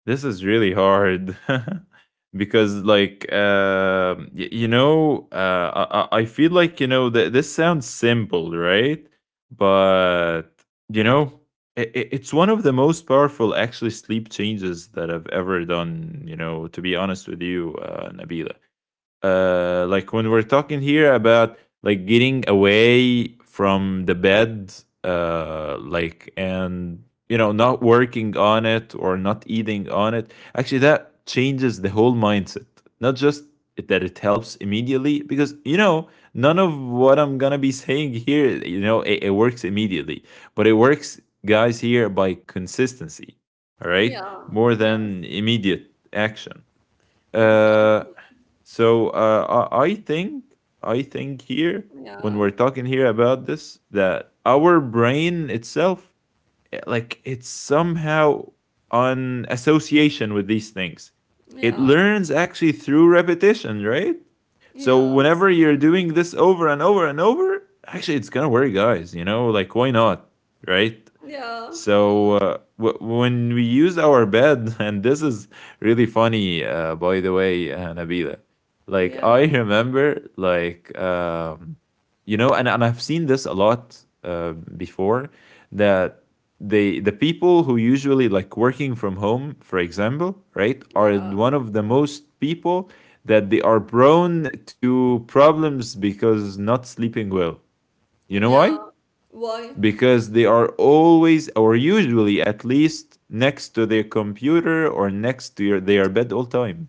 This is really hard because, like, um y- you know, uh, I, I I feel like you know th- this sounds simple, right? But you know, i i- it's one of the most powerful actually sleep changes that I've ever done. You know, to be honest with you, uh, Nabila, uh, like when we're talking here about like getting away from the bed, uh, like and you know not working on it or not eating on it, actually that changes the whole mindset. Not just that it helps immediately, because you know none of what I'm gonna be saying here, you know, it, it works immediately, but it works, guys, here by consistency. All right,
Yeah,
more
yes,
than immediate action. Uh,
exactly.
so uh, I, I think I think here when
Yeah,
we're talking here about this that our brain itself eh, like it's somehow on association with these things. It
yeah,
learns actually through repetition, right? So whenever
yes,
you're doing this over and over and over, actually it's gonna work, guys. You know, like why not, right?
yeah,
So uh, w- when we use our bed, and this is really funny, uh, by the way, uh, Nabila. Like I
yeah,
remember, like um, you know, and, and I've seen this a lot uh, before that they the people who usually like working from home, for example, right, are
yeah,
one of the most people that they are prone to problems because not sleeping well. You know why?
yeah. Why?
Because they are always or usually at least next to their computer or next to your, their bed all time,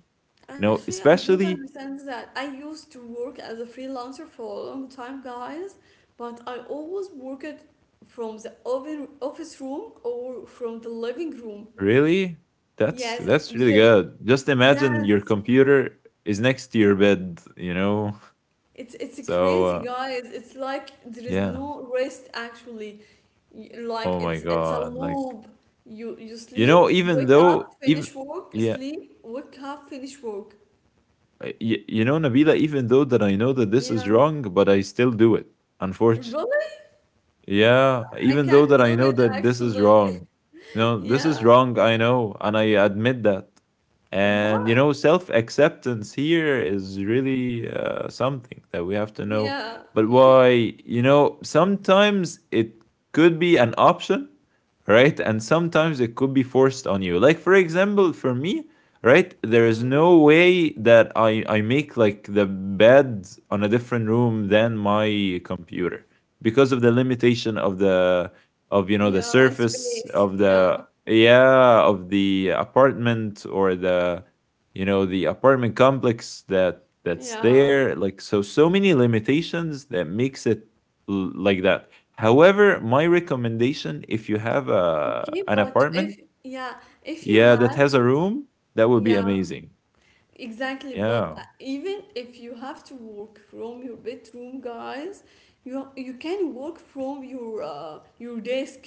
you know,
Actually, I don't
especially,
understand that. I used to work as a freelancer for a long time, guys, but I always worked from the oven- office room or from the living room.
really. that's
Yes,
that's really
because
good. Just imagine your
yes,
computer is next to your bed, you know.
It's it's
So
crazy,
uh,
guys. It's like there is
yeah,
no rest actually. Y- Like
oh my
it's it's a
god, like
loop. You you
you
sleep,
know, even
wake up,
though, even
finish work,
yeah,
sleep, wake up, finish work.
uh, y- you know, Nabila, even though that I know that this is
Yeah.
wrong, but I still do it, unfortunately.
Really?
Yeah,
I
even though
can't
that I
do
know
it
that this is
actually.
wrong. You know, this is
Yeah.
wrong, I know, and I admit that. And you
What?
know, self-acceptance here is really uh, something that we have to know.
Yeah.
But why, you know, sometimes it could be an option, right? And sometimes it could be forced on you. Like for example, for me, right, there is
Mhm.
no way that I I make like the bed on a different room than my computer because of the limitation of the of you know the
Yeah,
surface
space.
of the,
Yeah.
yeah, of the apartment or the you know the apartment complex that that's
Yeah.
there, like so, so many limitations that makes it l- like that. However, my recommendation if you have a
Okay,
an
but
apartment,
if yeah, if you
yeah, that
had
has a room, that would be
yeah,
amazing,
exactly, but
yeah,
uh, even if you have to work from your bedroom, guys, you you can work from your uh, your desk.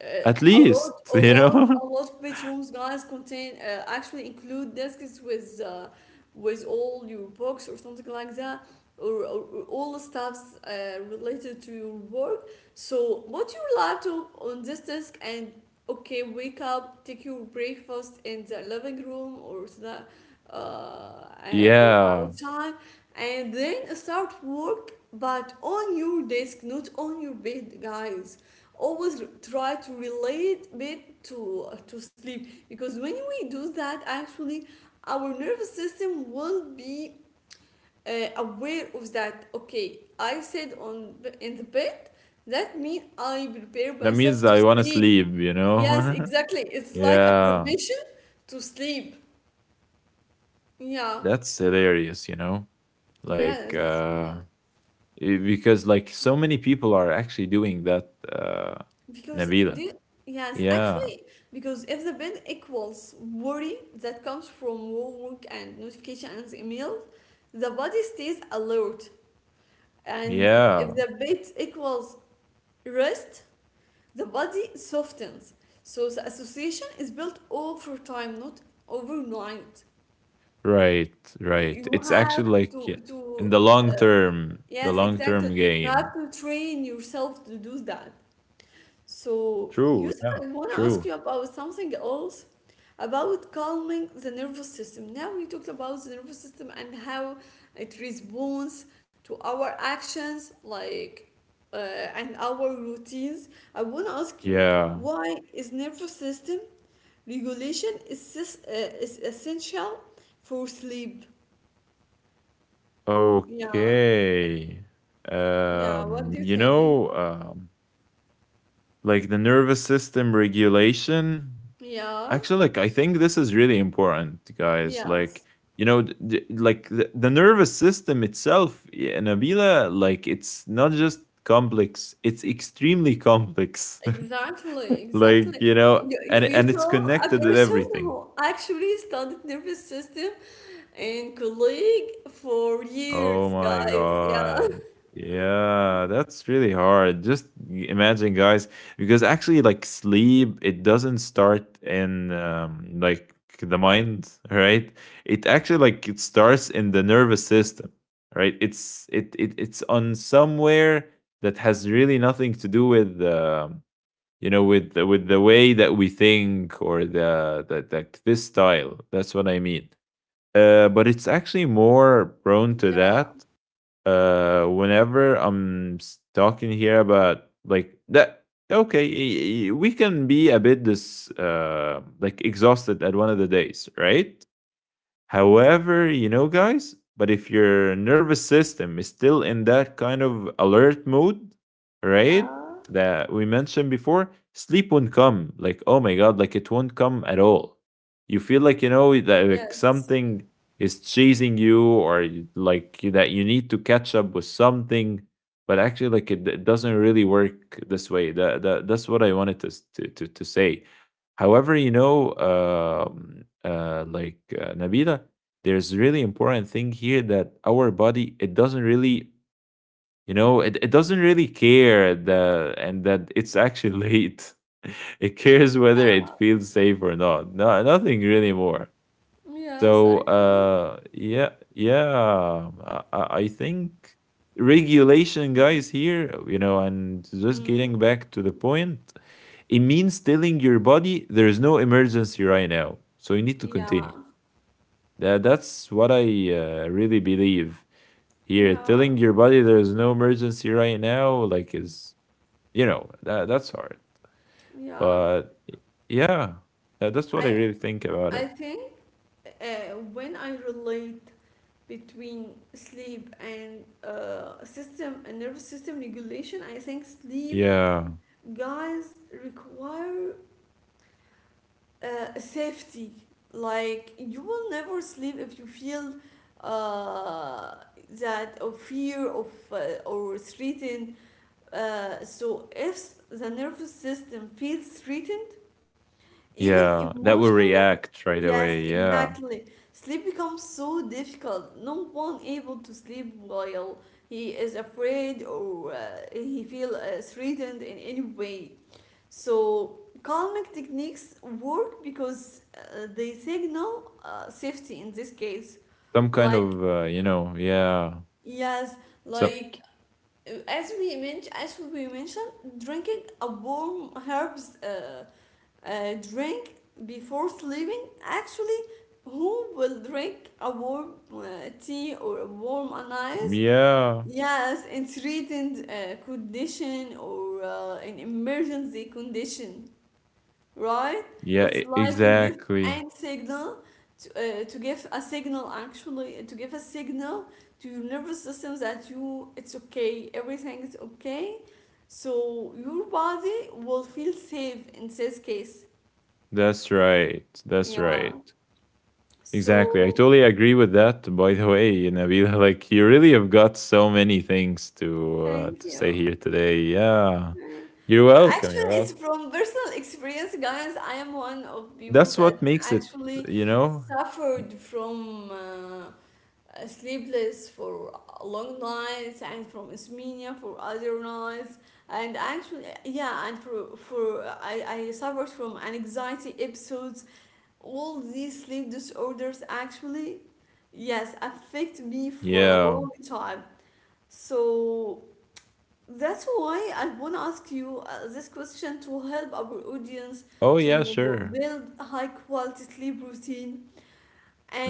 Uh,
at
a
least.
lot, a
You
lot,
know,
a lot of bedrooms, guys, contain uh, actually include desks with uh, with all your books or something like that, or, or, or all the stuffs uh, related to your work. So put your laptop on this desk, and okay, wake up, take your breakfast in the living room or the uh, or
yeah,
outside, and then start work, but on your desk, not on your bed, guys. Always try to relate bed to to sleep, because when we do that, actually our nervous system will be uh, aware of that. Okay, I said on, in the bed, that means I prepare
that
myself
means
to
I want to
sleep.
sleep, you
Yes,
know.
exactly, it's like a
Yeah,
permission to sleep. Yeah,
that's hilarious, you know? Like
yes.
uh i- because like so many people are actually doing that, uh,
Because do you,
Nabila.
yes,
Yeah.
actually, because if the bill equals worry that comes from work and notification and emails, the body stays alert. And if
Yeah.
the bit equals rest, the body softens. So the association is built over time, not overnight.
Right, right.
You
It's
have
actually like
to
y- in
to
the long
uh,
term, the
yes,
long term
exactly. You
game.
have to train yourself to do that. So,
True,
Yusuf,
yeah.
I want to ask
True.
you about something else, about calming the nervous system. Now, we talked about the nervous system and how it responds to our actions, like uh, and our routines. I want to ask you,
Yeah.
why is nervous system regulation is, sis- uh, is essential for sleep? Yeah,
Okay.
yeah,
Um
what do you
you
think?
know um like the nervous system regulation,
Yeah,
actually, like I think this is really important, guys. Like
yes.
you know d- d- like the, the nervous system itself, yeah, Nabila, like it's not just complex, it's extremely complex.
Exactly, exactly.
Like you know,
You, you
and
you
and it's
tell a
connected with
person
everything.
who actually studied nervous system and colleague for
Oh
years,
my
guys. Yeah,
god. Yeah, that's really hard. Just y- imagine, guys, because actually, like sleep, it doesn't start in um, like the mind, right? It actually like it starts in the nervous system, right? It's it, it it's on somewhere that has really nothing to do with um, you know with the, with the way that we think or the that like this style. That's what I mean, uh, but it's actually more prone to
yeah,
that uh whenever i'm s- talking here about like that, okay, y- y- we can be a bit this uh like exhausted at one of the days, right? However, you know, guys, but if your nervous system is still in that kind of alert mode, right,
yeah,
that we mentioned before, sleep won't come. Like, oh my God, like it won't come at all. You feel like, you know, that like
yes,
something is chasing you or you- like that you need to catch up with something. But actually, like it, it doesn't really work this way. That, that that's what I wanted to s- to to, to say. However, you know, um, uh, like uh, Nabila, there's really important thing here that our body it doesn't really, you know, it, it doesn't really care the and that it's actually late. It cares whether
yeah,
it feels safe or not. No, nothing really more.
yes,
So
actually.
uh, yeah, yeah, um, I, I I think regulation,
Mhm.
guys, here, you know, and just
Mhm.
getting back to the point, it means telling your body there is no emergency right now, so you need to
Yeah,
continue. That, that's what I uh, really believe here.
yeah,
Telling your body there is no emergency right now, like, is you know that that's hard,
yeah.
but yeah, that, that's what I
I
really think about
I
it.
think uh, when I relate between sleep and uh, system and nervous system regulation, I think sleep
Yeah.
guys require uh, safety. Like you will never sleep if you feel uh, that of fear of uh, or threatened. Uh, so if the nervous system feels threatened, even
Yeah, that will
emotionally,
react right
yes,
away. Yeah.
exactly. Sleep becomes so difficult. No one able to sleep while he is afraid or uh, he feel uh, threatened in any way. So calming techniques work because uh, they signal uh, safety in this case.
Some kind
Like
of, uh, you know, yeah.
yes,
Some,
like uh, as we mentioned, as we mentioned, drinking a warm herbs uh, uh, drink before sleeping. Actually, who will drink a warm uh, tea or a warm anise?
yeah.
Yes, in threatened uh, condition or uh, in emergency condition, right?
Yeah,
It's
e-
like you give
exactly.
and signal to, uh, to give a signal, actually to give a signal to your nervous system that you it's okay, everything is okay. So your body will feel safe in this case.
That's right. That's
Yeah.
right. Exactly. I
So
totally agree with that, by the way, Nabila. Like, you really have got so many things to uh, to
thank
say
you.
here today. Yeah.
Right.
You're welcome. You're
Actually, it's
welcome.
from personal experience, guys. I am one of people
That's
that
what makes it,
actually
you know?
suffered from uh, uh, sleepless for long nights and from insomnia for other nights, and actually yeah, and for for I, I suffered from anxiety episodes. All these sleep disorders actually, yes, affect me for a
Yeah.
long time. So that's why I want to ask you uh, this question to help our audience
Oh, yeah,
to
sure.
build high quality sleep routine,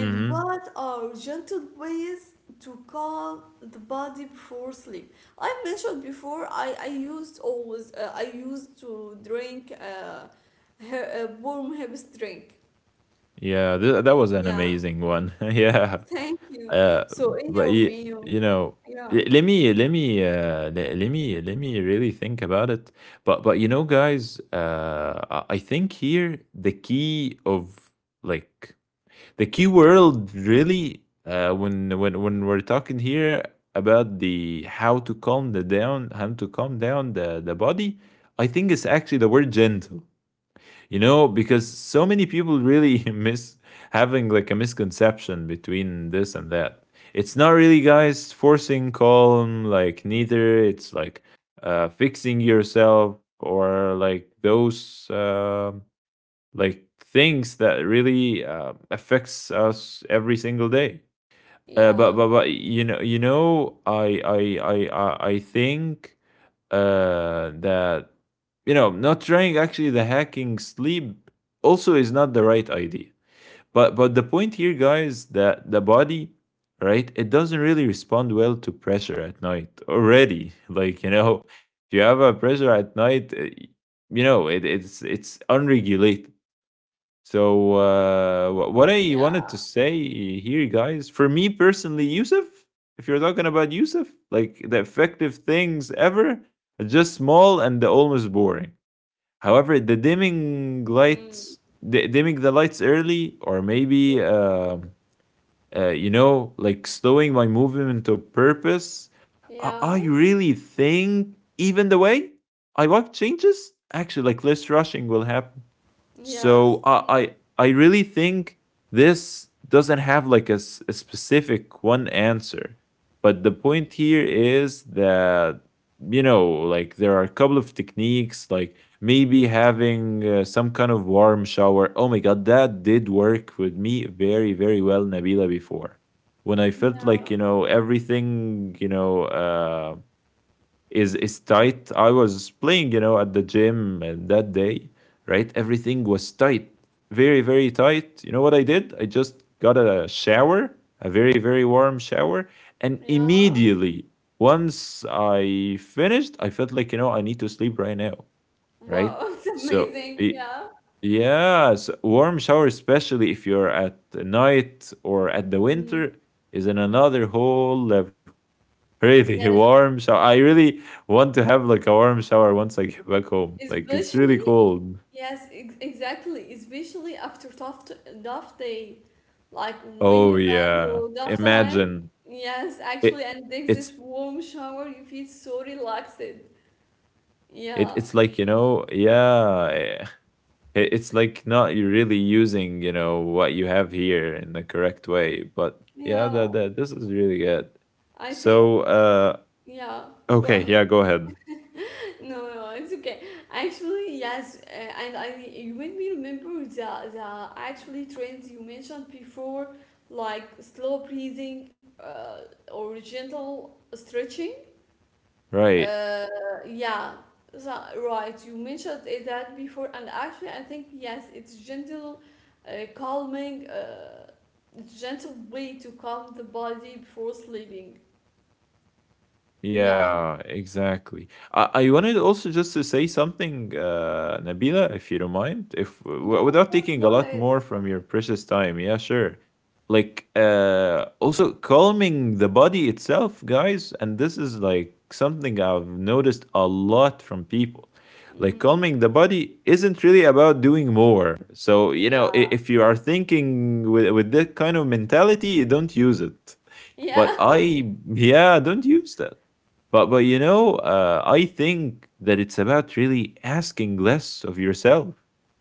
Mm hmm.
what are gentle ways to calm the body before sleep? I mentioned before I, I used always uh, I used to drink uh, her, uh, warm herbs drink.
Yeah, th- that was an
Yeah,
amazing one. yeah.
thank you.
Uh,
So in your
but you
opinion,
you know,
yeah,
l- let me let me uh, le- let me let me really think about it. But but you know, guys, uh, I I think here the key of like the key world really uh, when when when we're talking here about the how to calm the down how to calm down the the body, I think it's actually the word gentle, you know, because so many people really miss having like a misconception between this and that. It's not really, guys, forcing calm, like neither it's like uh fixing yourself or like those uh, like things that really uh, affects us every single day, uh,
yeah,
but but but you know you know I I I I I think uh, that you know not trying actually the hacking sleep also is not the right idea. But but the point here, guys, that the body, right, it doesn't really respond well to pressure at night already. Like, you know, if you have a pressure at night, uh, you know it, it's it's unregulated. So uh, wh- what I
yeah,
wanted to say here, guys, for me personally, Yusuf, if you're talking about Yusuf, like the effective things ever are just small and the almost boring. However, the dimming
mm,
lights, di- dimming the lights early, or maybe, um uh, you know, like slowing my movement to purpose, I, I
yeah,
really think even the way I walk changes. Actually, like less rushing will happen, so
yes,
I I, I really think this doesn't have like a, s- a specific one answer. But the point here is that you know like there are a couple of techniques like maybe having uh, some kind of warm shower. Oh my god, that did work with me very very well, Nabila, before. When I felt like,
yeah,
you know, everything, you know uh is is tight. I was playing, you know, at the gym uh, that day, right? Everything was tight, very very tight. You know what I did? I just got a shower, a very very warm shower, and
yeah.
immediately once I finished, I felt like, you know, I need to sleep right now,
Wow,
right?
it's
So.
amazing.
y-
Yeah.
Yes, warm shower, especially if you're at night or at the
Mm.
winter, is in another whole level, really.
Yes,
Warm shower. I really want to have like a warm shower once I get back home. Like it's really
Especially,
cold.
yes, ex exactly. Especially after tough t tough day, like when
Oh
you bad
yeah,
through tough time.
imagine
Yes, actually,
it.
and take
It's
this warm shower, you feel so relaxed.
it.
Yeah,
It's like, you know, yeah. eh, It, it's like not you really using, you know, what you have here in the correct way. But yeah, that
yeah.
that this is really good.
I
So
think,
uh,
yeah. Go
okay, yeah,
ahead.
go ahead.
No, no, it's okay. Actually, yes, uh, and I you made me remember the the actually trends you mentioned before, like slow breathing, uh, or gentle stretching.
Right.
Uh, yeah, so, right. You mentioned it that before, and actually, I think yes, it's gentle, uh, calming, uh, gentle way to calm the body before sleeping. Yeah.
Yeah, exactly. I, I wanted also just to say something, uh, Nabila, if you don't mind, if w-
No, of
without
course.
taking a
Go
lot
ahead.
more from your precious time. Yeah, sure. Like, uh, also calming the body itself, guys. And this is like something I've noticed a lot from people. Like,
Hmm.
calming the body isn't really about doing more. So, you know, i-
Yeah.
if you are thinking with, with that kind of mentality, don't use it,
Yeah.
but I, yeah, don't use that. But but you know, uh, I think that it's about really asking less of yourself,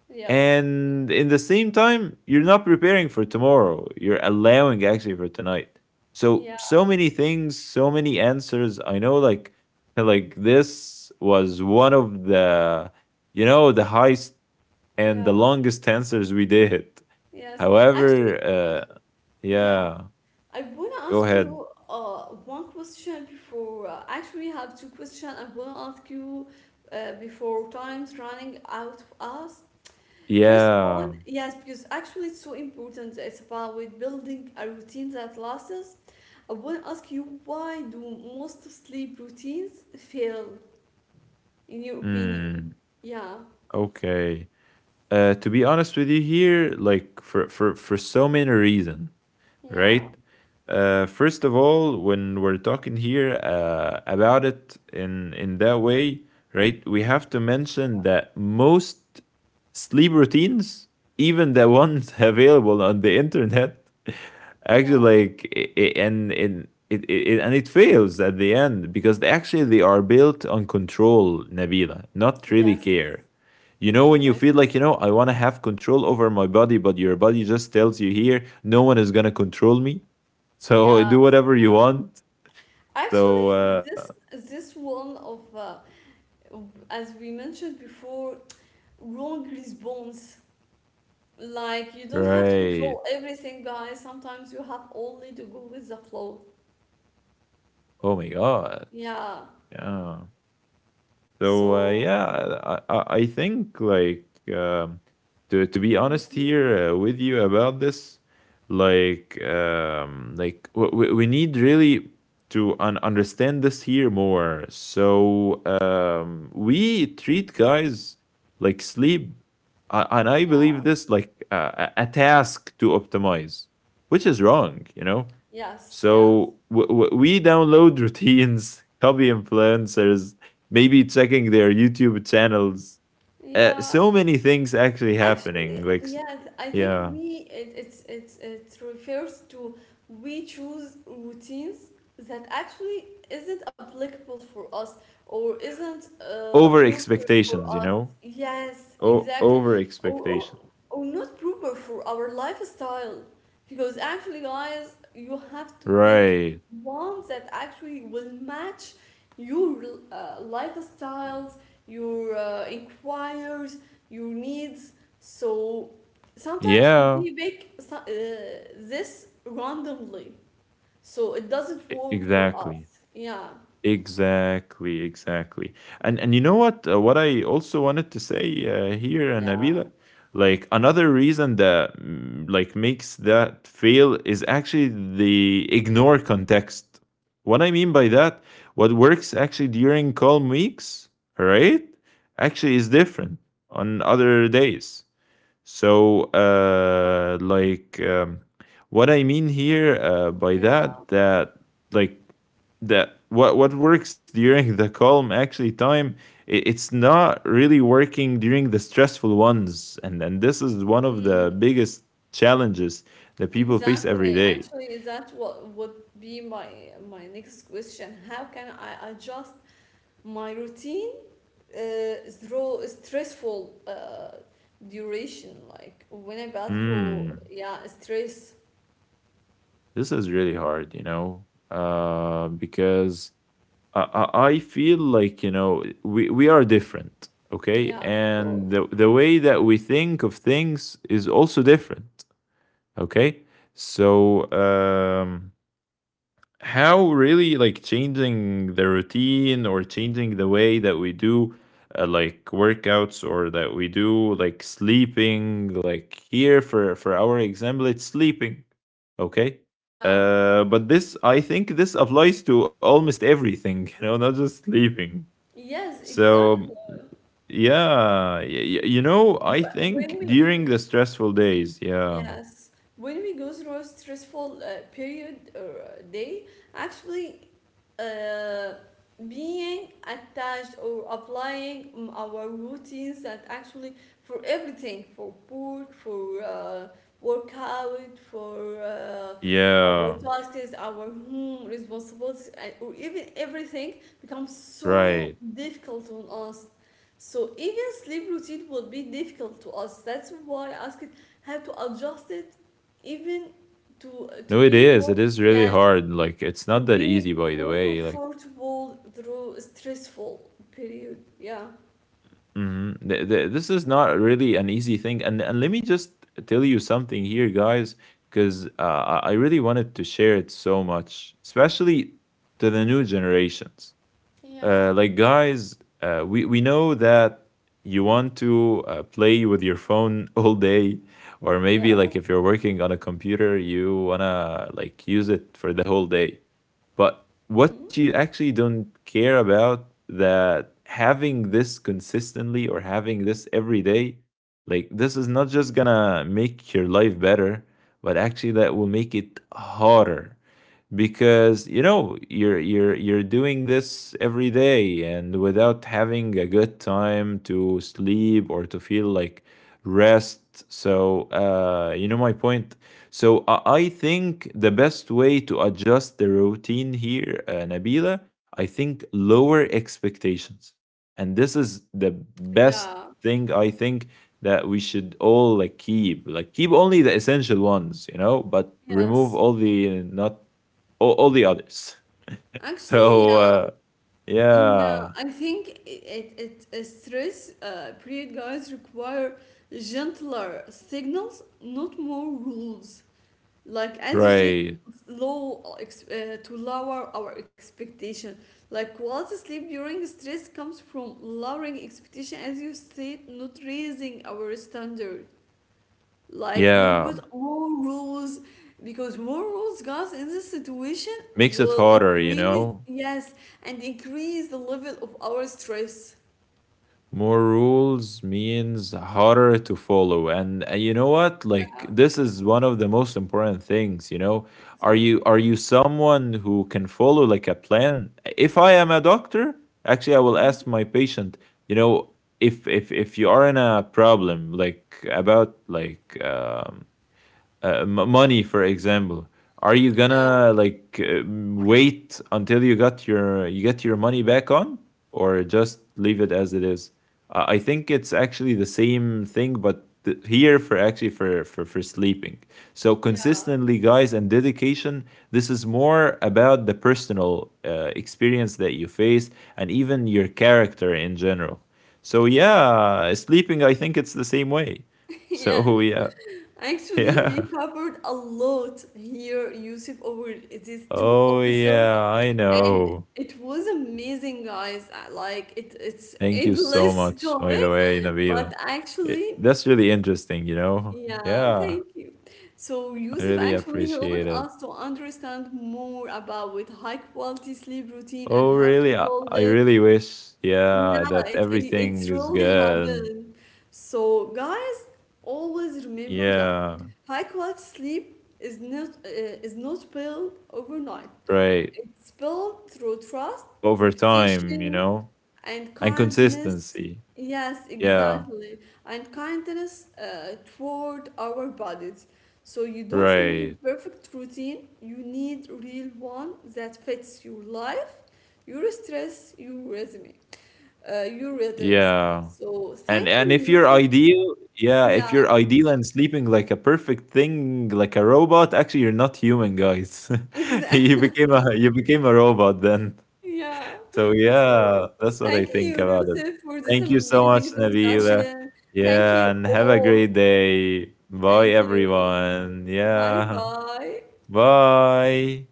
Yes.
and in the same time, you're not preparing for tomorrow. You're allowing actually for tonight. So
Yeah.
so many things, so many answers. I know, like like this was one of the you know the highest and
Yeah.
the longest answers we did.
Yes. Actually,
However, uh,
yeah.
yeah,
I wanna
go
ask
ahead.
you uh one question before. Uh, actually, I have two questions. I wanna ask you uh, before time's running out of us. First one,
Yeah.
yes, because actually it's so important. It's about with building a routine that lasts. I want to ask you, why do most sleep routines fail, in your opinion?
Mm,
Yeah,
okay. Uh, to be honest with you here, like for for for so many reasons,
yeah,
right? Uh, first of all, when we're talking here uh, about it in in that way, right? We have to mention
yeah,
that most sleep routines, even the ones available on the internet,
yeah.
actually like it and in it, it, it- and it fails at the end because they actually they are built on control, Nabila, not really
Yes,
care. You know, when you feel like, you
exactly.
know, I want to have control over my body, but your body just tells you here, no one is going to control me. So
Yeah,
do whatever you want. So,
actually,
uh,
this this one of uh, as we mentioned before, wrong response. Like you don't have to
right.
control everything, guys. Sometimes you have only to go with the flow.
Oh my God.
Yeah.
Yeah. So uh,
So,
yeah, I I I think like um, to to be honest
mhm.
here uh, with you about this, like um, like we, we need really to un- understand this here more. So um, we treat guys like sleep, uh, and I believe
Yeah.
this like uh, a a task to optimize, which is wrong, you know,
Yes. Yes.
so w- w- we download routines, copy influencers, maybe checking their YouTube channels. Uh,
Yeah.
so many things actually happening.
Actually,
Like, s-
yes, I think
yeah,
we it it's it's it refers to we choose routines that actually isn't applicable for us or isn't uh,
over
proper for
expectations, you
us.
know?
Yes,
O-
exactly.
over
Or, or
expectations.
or not proper for our lifestyle. Because actually, guys, you have to pick
Right.
one that actually will match your uh, lifestyles, your uh, inquires, your needs. So sometimes
Yeah,
we make so- uh, this randomly, so it doesn't
e-
work for us.
exactly.
Yeah,
Exactly, exactly. And and you know what? Uh, what I also wanted to say uh, here, uh,
yeah,
Nabila, like another reason that mm, like makes that fail is actually the ignore context. What I mean by that, what works actually during calm weeks, all right? Actually is different on other days. So, uh, like, um, what I mean here uh, by
yeah.
that, that like that what what works during the calm actually time, i- it's not really working during the stressful ones, and and this is one of the
Mm,
biggest challenges that people face
exactly.
every day.
Actually, that what would be my my next question. How can I adjust my routine uh, through stressful uh, duration, like when I go through
Hmm,
yeah stress.
this is really hard, you know, uh, because I, I I feel like, you know, we, we are different, okay,
Yeah, of course.
and the, the way that we think of things is also different, okay, so um how really like changing the routine or changing the way that we do uh, like workouts or that we do like sleeping, like here for for our example it's sleeping, okay,
Yeah.
uh, but this, I think, this applies to almost everything, you know, not just sleeping.
Yes,
So
exactly.
yeah, y- y- you know, I
Wh- When
think during
we,
the stressful days, yeah,
Yes, when we go through a stressful uh, period or uh, day, actually, uh, being attached or applying mm, our routines that actually for everything, for work, for uh, workout, for uh, our
yeah,
tasks, our home responsibilities, and- or even everything becomes so
right.
difficult on us. So even sleep routine will be difficult to us. That's why I asked have to adjust it even to
No,
to
it
be
is. It
more
is really
yes
hard. Like it's not
to
that
be
easy, by the
more
way. Like
comfortable through stressful period yeah.
mhm. Th- th- this is not really an easy thing. And and let me just tell you something here, guys, because uh, I I really wanted to share it so much, especially to the new generations.
Yeah.
Uh, like guys, uh, we we know that you want to uh, play with your phone all day, or
Yeah.
maybe like if you're working on a computer, you wanna like use it for the whole day. But what
Mhm.
you actually don't care about that having this consistently or having this every day, like this is not just gonna make your life better, but actually that will make it harder because you know you're you're you're doing this every day and without having a good time to sleep or to feel like rest. So uh you know my point. So i I think the best way to adjust the routine here, uh, Nabila, I think lower expectations, and this is the best
Yeah,
thing I think, that we should all like keep, like keep only the essential ones, you know, but
yes.
remove all the not all, all the others. So
Actually, yeah,
uh,
yeah.
yeah,
I think it it, it stress uh, period guys require gentler signals, not more rules. Like as you said,
right.
it's low ex- uh, to lower our expectation, like quality sleep during stress comes from lowering expectation as you said, not raising our standard, like not
Yeah,
put more rules, because more rules guys in this situation
makes it
will
harder, you
increase
know.
yes and increase the level of our stress.
More rules means harder to follow. And uh, you know what? Like
Yeah,
this is one of the most important things, you know. Are you
exactly.
are you someone who can follow like a plan? If I am a doctor, actually I will ask
Mhm.
my patient, you know, if if if you are in a problem like about like um uh, m- money for example, are you
Yeah,
gonna like uh, wait until you got your you get your money back on, or just leave it as it is? Uh, i think it's actually the same thing, but th- here for actually for, for for sleeping. So
yeah,
consistently, guys, and dedication, this is more about the personal uh, experience that you face and even your character in general. So
yeah.
yeah, sleeping I think it's the same way.
Yeah.
So yeah.
Actually, we
Yeah.
covered a lot here, Yusuf, over these two
Oh
episodes,
yeah, I
and
know.
it was amazing, guys. I like it, it's
Thank you so
endless
much, by the
topic,
way,
but
Nabila. It,
actually,
that's really interesting, you know?
yeah,
Yeah,
thank you. So
I
Yusuf
really
actually helped
appreciate it.
us to understand more about with high quality sleep routine and
Oh
how
really?
to
I,
build
I really
it,
wish,
yeah,
yeah, that
it, it, it's
everything is
really
good.
happened. So, guys, always remember that
Yeah,
high quality sleep is not uh, is not built overnight.
right.
It's built through trust,
Over time, you
repetition,
know?
and
And
kindness.
consistency.
Yes,
Yeah,
exactly, and kindness uh, toward our bodies. So you don't
right.
need perfect routine. You need real one that fits your life, your stress, your resume, uh, your rhythms.
Yeah.
So
And
thank you,
and if you're
Yusuf.
ideal, yeah,
Yeah,
if you're ideal and sleeping like a perfect thing, like a robot, actually you're not human, guys.
exactly.
you became a you became a robot then.
Yeah.
So
So
yeah, that's what
thank
I
you,
think about it.
Yusuf, for this
Thank you so
amazing
much, Nabila.
discussion. Thank you
Yeah, and have a
all.
great day.
Thank
Bye,
you.
everyone.
Bye
Yeah.
bye.
Bye.